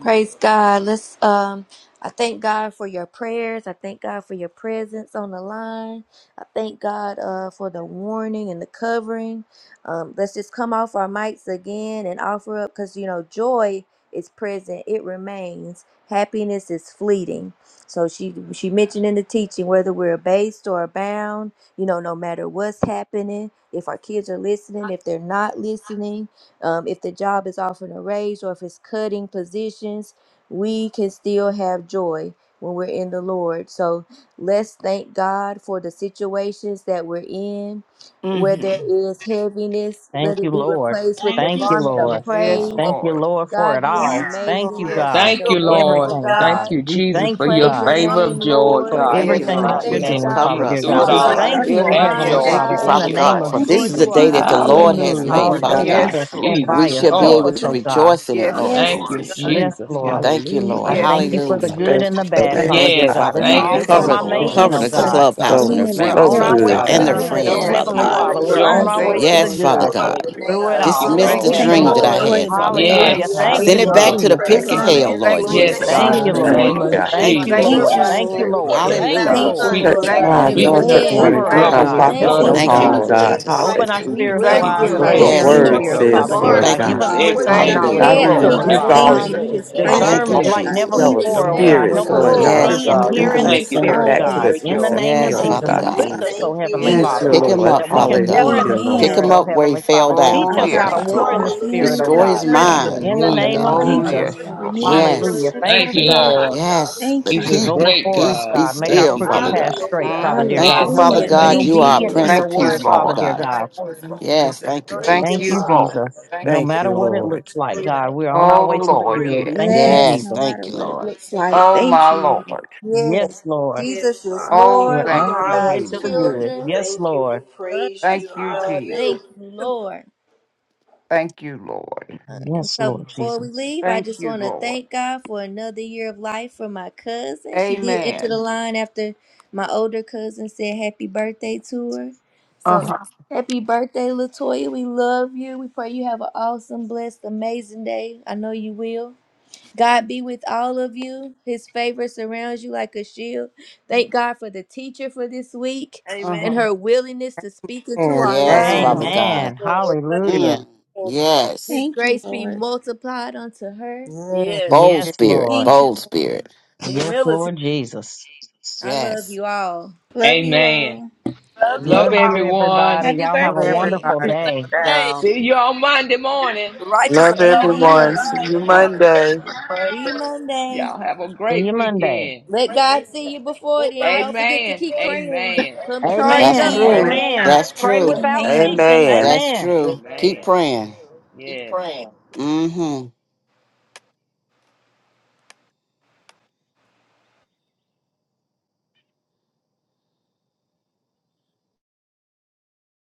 Speaker 1: Praise God. Let's um I thank God for your prayers. I thank God for your presence on the line. I thank God uh for the warning and the covering. Um let's just come off our mics again and offer up cuz you know joy is present. It remains. Happiness is fleeting. So she she mentioned in the teaching whether we're abased or abound, you know, no matter what's happening, if our kids are listening, if they're not listening, um, if the job is offering a raise or if it's cutting positions, we can still have joy when we're in the Lord. So let's thank God for the situations that we're in. Where there
Speaker 6: hmm
Speaker 1: is heaviness, let
Speaker 13: Thank you,
Speaker 1: it be
Speaker 13: Lord.
Speaker 1: replaced with the
Speaker 8: Thank
Speaker 13: Thank
Speaker 8: you.
Speaker 13: you,
Speaker 1: garment of
Speaker 13: Lord.
Speaker 3: Yes,
Speaker 6: Yes,
Speaker 3: God.
Speaker 1: praise.
Speaker 5: you,
Speaker 13: Thank you,
Speaker 5: Lord.
Speaker 6: Lord.
Speaker 13: Lord, for it
Speaker 1: God, you are
Speaker 2: Thank
Speaker 13: all.
Speaker 2: you,
Speaker 13: Thank
Speaker 1: amazing.
Speaker 13: you,
Speaker 2: Lord.
Speaker 1: You are
Speaker 6: Yes.
Speaker 13: God.
Speaker 1: such
Speaker 2: Thank
Speaker 3: Thank
Speaker 1: a
Speaker 5: You're
Speaker 3: you,
Speaker 5: amazing,
Speaker 2: you, Lord.
Speaker 1: wonderful
Speaker 3: Lord.
Speaker 13: Everything,
Speaker 5: God.
Speaker 13: God.
Speaker 3: Thank
Speaker 1: God.
Speaker 3: you,
Speaker 13: We
Speaker 1: We
Speaker 3: Jesus,
Speaker 13: thank
Speaker 3: for
Speaker 13: you,
Speaker 3: your
Speaker 8: Thank
Speaker 1: praise
Speaker 2: We
Speaker 13: God,
Speaker 1: your
Speaker 5: We
Speaker 2: Thank
Speaker 5: honor
Speaker 3: favor
Speaker 2: you
Speaker 3: of
Speaker 1: name,
Speaker 2: for
Speaker 8: you.
Speaker 5: you,
Speaker 3: joy,
Speaker 2: your
Speaker 13: for
Speaker 1: Lord.
Speaker 2: favor,
Speaker 3: God.
Speaker 9: Thank
Speaker 3: In
Speaker 9: you,
Speaker 5: God.
Speaker 3: the
Speaker 6: Yes,
Speaker 5: Love
Speaker 2: Lord.
Speaker 13: everything
Speaker 5: you,
Speaker 1: We
Speaker 9: Lord
Speaker 10: Thank
Speaker 13: that
Speaker 3: mighty
Speaker 13: you're
Speaker 10: you,
Speaker 6: Lord.
Speaker 1: thank you,
Speaker 9: Jesus.
Speaker 10: Lord
Speaker 3: name
Speaker 13: doing,
Speaker 3: of
Speaker 1: God, for
Speaker 9: Cover
Speaker 13: Father
Speaker 3: Jesus,
Speaker 1: each
Speaker 13: dear
Speaker 9: us,
Speaker 3: through
Speaker 2: Thank
Speaker 13: God.
Speaker 3: it
Speaker 2: you
Speaker 9: Father
Speaker 13: We
Speaker 2: for
Speaker 5: God.
Speaker 1: individual
Speaker 3: all, I
Speaker 9: God.
Speaker 1: on
Speaker 8: Hallelujah.
Speaker 13: thank you,
Speaker 1: this
Speaker 3: still
Speaker 13: oh
Speaker 2: covering
Speaker 3: have
Speaker 2: us,
Speaker 13: Heavenly
Speaker 5: For
Speaker 1: line,
Speaker 5: the
Speaker 6: Yes,
Speaker 3: joy.
Speaker 9: Thank
Speaker 2: Father
Speaker 13: Father,
Speaker 9: you,
Speaker 5: love,
Speaker 10: Jesus.
Speaker 13: in
Speaker 3: Thank
Speaker 1: God.
Speaker 2: God.
Speaker 13: the
Speaker 9: Father
Speaker 6: Lord.
Speaker 3: you,
Speaker 13: name
Speaker 9: God,
Speaker 13: of
Speaker 3: Lord.
Speaker 9: for
Speaker 5: God.
Speaker 2: Thank you
Speaker 9: this
Speaker 1: Lord,
Speaker 2: for
Speaker 9: is a
Speaker 1: you
Speaker 13: Jesus.
Speaker 1: are
Speaker 9: day
Speaker 2: keeping
Speaker 9: that the
Speaker 2: us, Father
Speaker 9: Lord
Speaker 2: God.
Speaker 9: has
Speaker 1: amazing.
Speaker 5: Yes,
Speaker 3: Hallelujah.
Speaker 9: made,
Speaker 11: you,
Speaker 13: Lord,
Speaker 5: it's
Speaker 13: go
Speaker 9: Father
Speaker 11: God.
Speaker 10: Already
Speaker 3: Thank
Speaker 10: all
Speaker 13: with
Speaker 3: you,
Speaker 9: God.
Speaker 6: Yes,
Speaker 13: us,
Speaker 5: blessed,
Speaker 13: stand
Speaker 5: God.
Speaker 6: Lord.
Speaker 3: Jesus.
Speaker 9: We
Speaker 13: by
Speaker 5: You're
Speaker 10: right.
Speaker 13: us,
Speaker 9: shall
Speaker 5: good.
Speaker 2: Father
Speaker 9: be
Speaker 13: help
Speaker 3: Joy.
Speaker 9: able
Speaker 13: us,
Speaker 2: God,
Speaker 9: to
Speaker 2: we
Speaker 13: oh
Speaker 2: thank
Speaker 5: Thank
Speaker 13: God.
Speaker 9: rejoice
Speaker 5: you,
Speaker 9: in it,
Speaker 2: you.
Speaker 5: God.
Speaker 6: Yes,
Speaker 9: Lord
Speaker 2: Yes,
Speaker 3: Thank
Speaker 6: Lord.
Speaker 3: you,
Speaker 2: Lord.
Speaker 5: God,
Speaker 9: Jesus.
Speaker 13: Yes,
Speaker 5: God.
Speaker 3: Jesus.
Speaker 10: Hallelujah.
Speaker 13: Lord.
Speaker 9: Thank you,
Speaker 3: Hallelujah.
Speaker 13: I
Speaker 9: Lord.
Speaker 6: Yes,
Speaker 3: Thank
Speaker 13: thank
Speaker 3: you,
Speaker 13: you
Speaker 11: This
Speaker 13: for
Speaker 11: is
Speaker 13: the
Speaker 6: Lord.
Speaker 9: Hallelujah.
Speaker 3: Jesus.
Speaker 13: good and the
Speaker 11: special.
Speaker 13: bad, Father
Speaker 10: Hallelujah.
Speaker 9: Thank you,
Speaker 13: dear
Speaker 3: Yes,
Speaker 11: God.
Speaker 13: God.
Speaker 9: Father
Speaker 13: It's
Speaker 2: Thank
Speaker 3: thank
Speaker 9: God.
Speaker 3: you
Speaker 13: all
Speaker 2: you,
Speaker 3: for
Speaker 13: for
Speaker 2: Father
Speaker 5: Glory
Speaker 6: Yes,
Speaker 3: the
Speaker 9: Cover,
Speaker 13: my
Speaker 2: God. We
Speaker 6: Lord.
Speaker 3: joy.
Speaker 11: You're
Speaker 13: making,
Speaker 2: thank
Speaker 9: cover
Speaker 2: you
Speaker 13: oh
Speaker 9: the
Speaker 2: for
Speaker 13: God.
Speaker 11: so,
Speaker 3: Yes,
Speaker 9: clubhouse
Speaker 3: God.
Speaker 9: and
Speaker 2: being
Speaker 9: their
Speaker 11: so,
Speaker 2: in
Speaker 13: We're
Speaker 2: the
Speaker 6: Thank
Speaker 9: families,
Speaker 5: to
Speaker 13: on
Speaker 11: so
Speaker 5: you,
Speaker 2: middle,
Speaker 6: you,
Speaker 13: our
Speaker 3: Yes,
Speaker 9: Father
Speaker 13: way
Speaker 9: God,
Speaker 11: good,
Speaker 2: Father
Speaker 3: God,
Speaker 13: to
Speaker 3: in
Speaker 13: the
Speaker 9: and
Speaker 6: Jesus.
Speaker 3: the
Speaker 11: God.
Speaker 2: God.
Speaker 9: their
Speaker 5: God.
Speaker 2: We
Speaker 3: mighty
Speaker 13: good.
Speaker 2: thank
Speaker 5: You
Speaker 2: you
Speaker 5: are,
Speaker 13: Oh,
Speaker 9: friends,
Speaker 2: for
Speaker 3: name of
Speaker 2: the
Speaker 4: Yes,
Speaker 6: Thank
Speaker 9: Father
Speaker 13: Heavenly
Speaker 2: power
Speaker 6: you,
Speaker 9: God.
Speaker 3: Jesus.
Speaker 2: of
Speaker 13: Father,
Speaker 2: our
Speaker 5: you
Speaker 13: we're
Speaker 6: Lord.
Speaker 5: are,
Speaker 10: Glory
Speaker 13: on
Speaker 3: Joy,
Speaker 4: hallelujah.
Speaker 13: our way
Speaker 3: joy,
Speaker 6: Thank
Speaker 2: mindsets,
Speaker 13: to
Speaker 4: Glory
Speaker 2: Father
Speaker 13: the
Speaker 4: be
Speaker 6: you,
Speaker 9: Yes,
Speaker 3: joy,
Speaker 4: to
Speaker 2: God.
Speaker 9: Father
Speaker 3: God,
Speaker 5: you
Speaker 13: good
Speaker 4: your
Speaker 5: are,
Speaker 6: Father.
Speaker 3: straight
Speaker 9: God.
Speaker 4: holy
Speaker 3: joy.
Speaker 13: through
Speaker 4: name,
Speaker 13: it
Speaker 5: God.
Speaker 3: Thank you,
Speaker 13: all.
Speaker 4: Father. We
Speaker 9: Dismiss
Speaker 1: Thank
Speaker 13: Thank
Speaker 9: the
Speaker 2: We
Speaker 4: just
Speaker 3: Lord.
Speaker 6: Thank
Speaker 1: you,
Speaker 13: you,
Speaker 5: You're Yeah.
Speaker 2: thank you
Speaker 6: you.
Speaker 9: dream
Speaker 4: thank
Speaker 9: that
Speaker 2: for
Speaker 13: Jesus.
Speaker 9: I
Speaker 4: you,
Speaker 1: Lord.
Speaker 2: joy
Speaker 9: had,
Speaker 2: in the
Speaker 9: Father
Speaker 2: waiting room.
Speaker 9: God.
Speaker 4: lift
Speaker 3: Yes,
Speaker 13: Hallelujah.
Speaker 6: Thank
Speaker 4: you up,
Speaker 6: you.
Speaker 13: Thank you,
Speaker 9: Send
Speaker 4: give you
Speaker 9: it back
Speaker 13: Lord.
Speaker 4: all the
Speaker 9: to the
Speaker 3: hallelujah.
Speaker 4: praise,
Speaker 3: Thank
Speaker 2: Father
Speaker 9: pits of
Speaker 3: you,
Speaker 2: God,
Speaker 4: honor,
Speaker 2: we
Speaker 3: Jesus.
Speaker 9: hell,
Speaker 4: and
Speaker 2: thank
Speaker 4: the
Speaker 2: you
Speaker 9: Lord
Speaker 6: Thank
Speaker 2: for
Speaker 10: to
Speaker 4: glory,
Speaker 2: your
Speaker 6: you,
Speaker 3: Yes,
Speaker 5: Thank
Speaker 4: Lord
Speaker 9: Jesus.
Speaker 6: Father.
Speaker 3: God,
Speaker 13: Thank
Speaker 3: in
Speaker 13: you,
Speaker 4: God. They
Speaker 3: the
Speaker 2: shield, Father.
Speaker 11: Thank
Speaker 13: Lord.
Speaker 3: name
Speaker 11: you,
Speaker 4: belong
Speaker 3: of
Speaker 4: to
Speaker 11: God.
Speaker 4: you.
Speaker 13: Thank
Speaker 9: Thank
Speaker 4: Like
Speaker 9: you,
Speaker 13: you,
Speaker 4: the
Speaker 6: Thank
Speaker 10: God.
Speaker 3: Jesus.
Speaker 2: Thank
Speaker 13: Lord.
Speaker 6: you.
Speaker 2: you,
Speaker 4: songwriter
Speaker 9: Jesus.
Speaker 13: Thank you,
Speaker 2: Lord.
Speaker 4: said, we
Speaker 13: Lord.
Speaker 4: had
Speaker 3: Yes,
Speaker 4: 10,000
Speaker 13: Thank you,
Speaker 9: Hallelujah.
Speaker 3: God.
Speaker 2: Thank you,
Speaker 13: Lord.
Speaker 4: sons,
Speaker 3: Keeps it.
Speaker 4: Lord
Speaker 11: Touch
Speaker 2: Lord.
Speaker 6: Thank
Speaker 4: God, and
Speaker 11: my
Speaker 2: Thank you
Speaker 6: you.
Speaker 4: still
Speaker 2: for your
Speaker 4: wouldn't
Speaker 3: Beechnut
Speaker 11: anointed
Speaker 4: get
Speaker 11: one
Speaker 4: enough
Speaker 1: Amen.
Speaker 3: Street
Speaker 4: to
Speaker 2: favor,
Speaker 11: and
Speaker 13: Cover us,
Speaker 11: do
Speaker 2: Father
Speaker 6: Thank
Speaker 11: my
Speaker 3: covered
Speaker 1: God,
Speaker 4: praise
Speaker 3: with
Speaker 4: you.
Speaker 2: God.
Speaker 13: God.
Speaker 3: the
Speaker 6: you,
Speaker 11: prophets
Speaker 1: thank
Speaker 13: Help
Speaker 4: So
Speaker 3: blood
Speaker 11: no
Speaker 4: we're
Speaker 2: Thank
Speaker 13: us,
Speaker 3: of
Speaker 2: you
Speaker 6: Lord.
Speaker 1: you.
Speaker 9: Thank
Speaker 4: just
Speaker 9: you,
Speaker 2: for ju-
Speaker 11: harm,
Speaker 13: God.
Speaker 4: going to
Speaker 9: Lord
Speaker 3: Jesus.
Speaker 11: God.
Speaker 4: praise you
Speaker 5: you, Lord.
Speaker 9: Jesus.
Speaker 4: right
Speaker 13: Open our
Speaker 4: now
Speaker 11: Hallelujah.
Speaker 1: We
Speaker 4: give you the
Speaker 13: spiritual
Speaker 6: Thank
Speaker 1: rest
Speaker 3: Keep
Speaker 11: That's
Speaker 10: Hallelujah.
Speaker 13: eyes
Speaker 1: in
Speaker 4: honor
Speaker 6: you,
Speaker 13: and
Speaker 4: of
Speaker 13: our
Speaker 11: what
Speaker 4: hope
Speaker 11: the
Speaker 1: that.
Speaker 3: praying
Speaker 2: just
Speaker 6: Lord.
Speaker 9: Yes,
Speaker 13: spiritual
Speaker 2: changing
Speaker 3: Sylvia.
Speaker 5: Glory
Speaker 11: word
Speaker 5: to
Speaker 9: Lord.
Speaker 13: ears,
Speaker 4: who
Speaker 3: Come
Speaker 2: our
Speaker 5: God.
Speaker 3: with
Speaker 4: you
Speaker 3: the
Speaker 11: says,
Speaker 13: Father,
Speaker 2: mindset,
Speaker 13: dear
Speaker 3: blood
Speaker 11: Lord
Speaker 4: are,
Speaker 3: of
Speaker 13: God.
Speaker 9: Thank
Speaker 4: Lord
Speaker 9: you,
Speaker 13: Give
Speaker 11: God.
Speaker 3: Jesus.
Speaker 13: us
Speaker 2: God.
Speaker 4: God,
Speaker 9: Jesus.
Speaker 4: what
Speaker 3: Every
Speaker 13: wisdom and
Speaker 4: you're
Speaker 6: Thank
Speaker 2: Father God.
Speaker 3: neighbor
Speaker 13: knowledge,
Speaker 11: I
Speaker 6: you,
Speaker 4: doing,
Speaker 9: Hallelujah.
Speaker 13: oh
Speaker 11: will
Speaker 3: that
Speaker 4: Lord
Speaker 5: You're
Speaker 1: Cancel.
Speaker 5: a
Speaker 2: We
Speaker 13: Heavenly
Speaker 3: reached
Speaker 4: God.
Speaker 6: Lord.
Speaker 1: That
Speaker 3: us
Speaker 2: just
Speaker 11: rebuke
Speaker 13: Father.
Speaker 3: we
Speaker 11: all
Speaker 2: thank
Speaker 3: could-
Speaker 2: you.
Speaker 5: good
Speaker 2: We
Speaker 1: assignment is
Speaker 3: in the
Speaker 2: just
Speaker 3: name
Speaker 2: praise
Speaker 3: of
Speaker 2: you,
Speaker 4: Thank
Speaker 11: all,
Speaker 9: Thank
Speaker 2: Father
Speaker 9: you,
Speaker 13: discernment
Speaker 1: canceled.
Speaker 11: all
Speaker 4: you
Speaker 13: like
Speaker 3: Jesus.
Speaker 2: God.
Speaker 4: for
Speaker 13: never
Speaker 4: what
Speaker 9: Jesus.
Speaker 11: yellow
Speaker 2: Thank
Speaker 4: you're
Speaker 2: you,
Speaker 3: No
Speaker 13: before,
Speaker 2: Lord.
Speaker 13: oh
Speaker 4: doing,
Speaker 1: Thank
Speaker 3: matter
Speaker 13: God.
Speaker 4: Lord
Speaker 3: what
Speaker 1: you,
Speaker 11: spirits,
Speaker 13: Help
Speaker 4: God.
Speaker 13: us
Speaker 3: those
Speaker 11: Lord
Speaker 5: place,
Speaker 13: to
Speaker 4: We
Speaker 3: look
Speaker 11: God. We
Speaker 1: Lord.
Speaker 4: love
Speaker 3: like,
Speaker 9: Yes,
Speaker 13: see and
Speaker 9: Father
Speaker 3: God,
Speaker 4: you.
Speaker 2: We
Speaker 3: we
Speaker 11: rebuke
Speaker 13: hear
Speaker 11: them
Speaker 13: in
Speaker 2: thank
Speaker 13: the
Speaker 11: and
Speaker 9: God.
Speaker 2: you
Speaker 3: thank
Speaker 2: for
Speaker 3: you
Speaker 11: send
Speaker 3: that
Speaker 5: man.
Speaker 11: it
Speaker 3: we
Speaker 13: spirit,
Speaker 2: all
Speaker 11: back
Speaker 3: have
Speaker 11: to
Speaker 13: God.
Speaker 11: the
Speaker 3: your
Speaker 2: things,
Speaker 13: In the
Speaker 2: Father
Speaker 11: pits of
Speaker 3: joy.
Speaker 2: God.
Speaker 13: name of
Speaker 9: Yes,
Speaker 11: hell,
Speaker 3: Thank
Speaker 2: All
Speaker 9: Father
Speaker 13: Jesus,
Speaker 3: you,
Speaker 11: God.
Speaker 2: things,
Speaker 13: equip
Speaker 4: We
Speaker 9: God.
Speaker 2: Father
Speaker 13: us,
Speaker 2: God.
Speaker 3: Jesus.
Speaker 4: thank
Speaker 13: oh
Speaker 4: you.
Speaker 13: Heavenly
Speaker 4: We
Speaker 2: Thank you.
Speaker 11: Thank
Speaker 6: Yes,
Speaker 4: love
Speaker 13: Father,
Speaker 11: you,
Speaker 2: Lord.
Speaker 9: Pick
Speaker 4: you,
Speaker 9: him
Speaker 6: Lord.
Speaker 11: Lord.
Speaker 4: Lord.
Speaker 13: that
Speaker 9: up,
Speaker 13: we
Speaker 9: Father
Speaker 13: can war in
Speaker 9: God.
Speaker 5: Baptize us
Speaker 13: the
Speaker 11: Hallelujah,
Speaker 5: in
Speaker 9: Pick
Speaker 2: Amen.
Speaker 13: spirit,
Speaker 11: Lord.
Speaker 9: him
Speaker 13: oh
Speaker 9: up where he
Speaker 13: Heavenly
Speaker 9: fell
Speaker 13: Father.
Speaker 5: the
Speaker 9: down,
Speaker 13: Teach
Speaker 6: Oh,
Speaker 5: power
Speaker 2: Father
Speaker 5: of
Speaker 13: us
Speaker 9: Father
Speaker 5: the
Speaker 2: God,
Speaker 13: how
Speaker 6: yes,
Speaker 5: name
Speaker 13: to
Speaker 9: God.
Speaker 2: protect
Speaker 13: war in
Speaker 2: my
Speaker 13: the
Speaker 6: Lord.
Speaker 4: Hallelujah.
Speaker 5: of Jesus.
Speaker 13: spirit,
Speaker 2: family,
Speaker 13: oh
Speaker 9: Restore
Speaker 5: Yes,
Speaker 4: Glory
Speaker 5: the
Speaker 2: Father
Speaker 13: God.
Speaker 9: his
Speaker 4: be
Speaker 5: fresh
Speaker 2: God.
Speaker 4: to
Speaker 5: filling
Speaker 4: your
Speaker 9: mind,
Speaker 13: In the
Speaker 4: holy
Speaker 5: of
Speaker 9: Father
Speaker 3: Hallelujah.
Speaker 5: the
Speaker 13: name
Speaker 3: In
Speaker 5: Holy
Speaker 13: of
Speaker 5: Ghost,
Speaker 3: the
Speaker 9: God.
Speaker 4: name,
Speaker 6: Oh,
Speaker 2: Thank
Speaker 5: God.
Speaker 2: you,
Speaker 3: mighty
Speaker 4: Lord
Speaker 13: Jesus.
Speaker 6: yes,
Speaker 3: name
Speaker 2: Lord.
Speaker 3: of
Speaker 4: God.
Speaker 2: Renew
Speaker 6: Lord.
Speaker 2: our
Speaker 5: Fresh
Speaker 9: Yes,
Speaker 4: Glory
Speaker 13: Hallelujah.
Speaker 3: Jesus.
Speaker 5: filling,
Speaker 2: mindsets,
Speaker 5: God.
Speaker 13: Thank
Speaker 4: unto
Speaker 3: Thank
Speaker 13: you,
Speaker 2: Father
Speaker 3: you,
Speaker 4: you,
Speaker 2: God.
Speaker 13: God.
Speaker 3: Lord.
Speaker 4: Lord God.
Speaker 9: yes.
Speaker 2: Thank
Speaker 9: Let
Speaker 2: you,
Speaker 3: He's a
Speaker 2: Lord.
Speaker 9: peace,
Speaker 13: Go
Speaker 3: great
Speaker 13: before us,
Speaker 9: peace
Speaker 3: God.
Speaker 9: be
Speaker 13: God. Make our
Speaker 3: Thank
Speaker 9: still,
Speaker 3: you,
Speaker 13: crooked
Speaker 4: I
Speaker 9: Father
Speaker 4: be
Speaker 3: Jesus.
Speaker 13: path
Speaker 9: God.
Speaker 4: lifted
Speaker 5: Comfort,
Speaker 13: straight,
Speaker 4: up
Speaker 5: God.
Speaker 13: Father
Speaker 5: In
Speaker 4: your
Speaker 13: dear
Speaker 5: the
Speaker 6: Mhm.
Speaker 9: Thank you,
Speaker 13: God.
Speaker 5: body,
Speaker 4: draw
Speaker 3: Yes,
Speaker 13: Help
Speaker 4: man
Speaker 9: Father
Speaker 13: us
Speaker 3: God.
Speaker 2: Hallelujah.
Speaker 13: to be
Speaker 3: Thank
Speaker 9: God.
Speaker 4: unto
Speaker 3: you,
Speaker 2: Thank
Speaker 9: You
Speaker 2: you,
Speaker 4: you,
Speaker 9: are a
Speaker 3: Jesus.
Speaker 13: obedient
Speaker 4: Lord
Speaker 13: to
Speaker 2: Lord.
Speaker 9: Prince
Speaker 13: your
Speaker 4: God.
Speaker 9: of
Speaker 6: Thank you,
Speaker 9: Peace,
Speaker 13: word,
Speaker 5: mind, and
Speaker 9: Father
Speaker 13: Father
Speaker 6: Lord.
Speaker 13: dear
Speaker 9: God.
Speaker 13: God.
Speaker 5: soul.
Speaker 9: Yes, thank you,
Speaker 5: Glory,
Speaker 4: Thank you, Lord. Thank
Speaker 6: Thank
Speaker 4: you,
Speaker 13: Thank
Speaker 6: you,
Speaker 13: you,
Speaker 9: Jesus.
Speaker 6: Lord.
Speaker 4: Father.
Speaker 13: Jesus. No
Speaker 11: Thank
Speaker 13: matter
Speaker 11: you,
Speaker 13: what it looks
Speaker 11: Lord.
Speaker 13: like,
Speaker 5: glory,
Speaker 13: God, we're on our
Speaker 6: Oh,
Speaker 13: way
Speaker 5: hallelujah.
Speaker 13: to the
Speaker 5: Glory,
Speaker 6: Lord,
Speaker 13: good.
Speaker 6: yes.
Speaker 13: Thank you,
Speaker 2: Yes,
Speaker 9: Yes,
Speaker 2: no
Speaker 13: Jesus.
Speaker 2: matter
Speaker 9: thank you,
Speaker 2: what it
Speaker 9: Lord.
Speaker 2: looks
Speaker 5: amen.
Speaker 2: like.
Speaker 6: Oh,
Speaker 2: Thank
Speaker 6: my
Speaker 2: you, Lord.
Speaker 6: Lord.
Speaker 13: Yes,
Speaker 1: Yes.
Speaker 13: Lord.
Speaker 4: Yes,
Speaker 1: Jesus is
Speaker 4: Father.
Speaker 6: Oh,
Speaker 13: We're
Speaker 1: Lord.
Speaker 6: thank
Speaker 1: We
Speaker 13: on
Speaker 1: are
Speaker 4: We
Speaker 6: you,
Speaker 13: our
Speaker 4: love
Speaker 13: way
Speaker 4: you,
Speaker 13: to
Speaker 1: God's
Speaker 13: the
Speaker 6: Jesus.
Speaker 4: Lord.
Speaker 13: good.
Speaker 4: We
Speaker 1: children.
Speaker 13: Yes,
Speaker 4: thank you. We
Speaker 13: Lord.
Speaker 5: None
Speaker 4: praise
Speaker 5: like
Speaker 4: you.
Speaker 6: Thank
Speaker 5: you,
Speaker 6: you,
Speaker 4: Honor
Speaker 5: God.
Speaker 4: you.
Speaker 6: Jesus.
Speaker 1: Thank you, Lord.
Speaker 6: Thank you, Lord.
Speaker 1: All right. And
Speaker 13: Yes,
Speaker 1: so
Speaker 13: Lord
Speaker 1: before we
Speaker 13: Jesus.
Speaker 1: leave, I
Speaker 6: Thank
Speaker 1: just
Speaker 6: you,
Speaker 1: want to
Speaker 6: Lord.
Speaker 1: thank God for another year of life for my cousin. She did enter the
Speaker 6: Amen.
Speaker 1: line after my older cousin said happy birthday to her.
Speaker 6: Uh
Speaker 1: So
Speaker 6: huh.
Speaker 1: happy birthday, Latoya. We love you. We pray you have an awesome, blessed, amazing day. I know you will. God be with all of you. His favor surrounds you like a shield. Thank God for the teacher for this week
Speaker 6: Uh
Speaker 5: Amen,
Speaker 1: and
Speaker 6: huh.
Speaker 1: her willingness to speak into
Speaker 10: And
Speaker 1: our
Speaker 9: Yes,
Speaker 6: Uh
Speaker 10: amen.
Speaker 9: Father
Speaker 6: huh.
Speaker 1: lives.
Speaker 9: God.
Speaker 13: Amen.
Speaker 5: Lord. Bless
Speaker 10: you. Yeah.
Speaker 13: Hallelujah.
Speaker 9: Mm,
Speaker 5: her.
Speaker 9: yes.
Speaker 1: His
Speaker 2: Thank you,
Speaker 1: grace be
Speaker 2: Lord.
Speaker 1: multiplied unto her.
Speaker 10: yeah.
Speaker 5: Yes,
Speaker 9: Bold
Speaker 10: Hey,
Speaker 13: Yes,
Speaker 9: spirit,
Speaker 13: Lord.
Speaker 2: Thank
Speaker 9: bold
Speaker 2: you.
Speaker 9: spirit.
Speaker 13: Yes,
Speaker 5: humility.
Speaker 13: Lord Jesus.
Speaker 1: I love
Speaker 9: Yes.
Speaker 1: you all.
Speaker 2: Love you
Speaker 3: Amen.
Speaker 2: all.
Speaker 5: Love
Speaker 8: Love
Speaker 5: you.
Speaker 3: Love
Speaker 8: you
Speaker 13: Love
Speaker 8: all.
Speaker 13: you,
Speaker 3: everyone.
Speaker 13: everybody.
Speaker 2: Happy
Speaker 13: Y'all have
Speaker 10: Love
Speaker 13: a
Speaker 10: everybody.
Speaker 2: birthday.
Speaker 13: wonderful
Speaker 8: Happy
Speaker 10: I
Speaker 13: day.
Speaker 10: love
Speaker 8: Tuesday.
Speaker 5: Hey,
Speaker 10: y'all.
Speaker 3: See you on Monday morning.
Speaker 5: righteous
Speaker 11: Love
Speaker 5: alone is a
Speaker 11: everyone.
Speaker 2: Amen.
Speaker 11: See you
Speaker 5: liar.
Speaker 3: Jesus.
Speaker 11: Monday.
Speaker 1: See you Monday.
Speaker 3: Y'all have a
Speaker 13: See
Speaker 3: great
Speaker 13: you Monday.
Speaker 3: weekend.
Speaker 1: Let God see you before then. Don't forget to
Speaker 3: Amen.
Speaker 1: keep praying.
Speaker 3: Amen.
Speaker 1: Come
Speaker 3: In my
Speaker 1: charged
Speaker 9: That's
Speaker 3: secret
Speaker 13: Amen.
Speaker 1: up
Speaker 10: Hey.
Speaker 9: true.
Speaker 2: Amen.
Speaker 3: closet.
Speaker 1: Monday.
Speaker 8: Amen.
Speaker 13: Amen.
Speaker 9: That's
Speaker 13: Pray
Speaker 9: true.
Speaker 13: without
Speaker 2: Amen.
Speaker 13: ceasing.
Speaker 11: Amen.
Speaker 9: That's
Speaker 13: Amen.
Speaker 9: true. Keep
Speaker 3: Amen.
Speaker 9: praying.
Speaker 3: Yes.
Speaker 9: Mm hmm.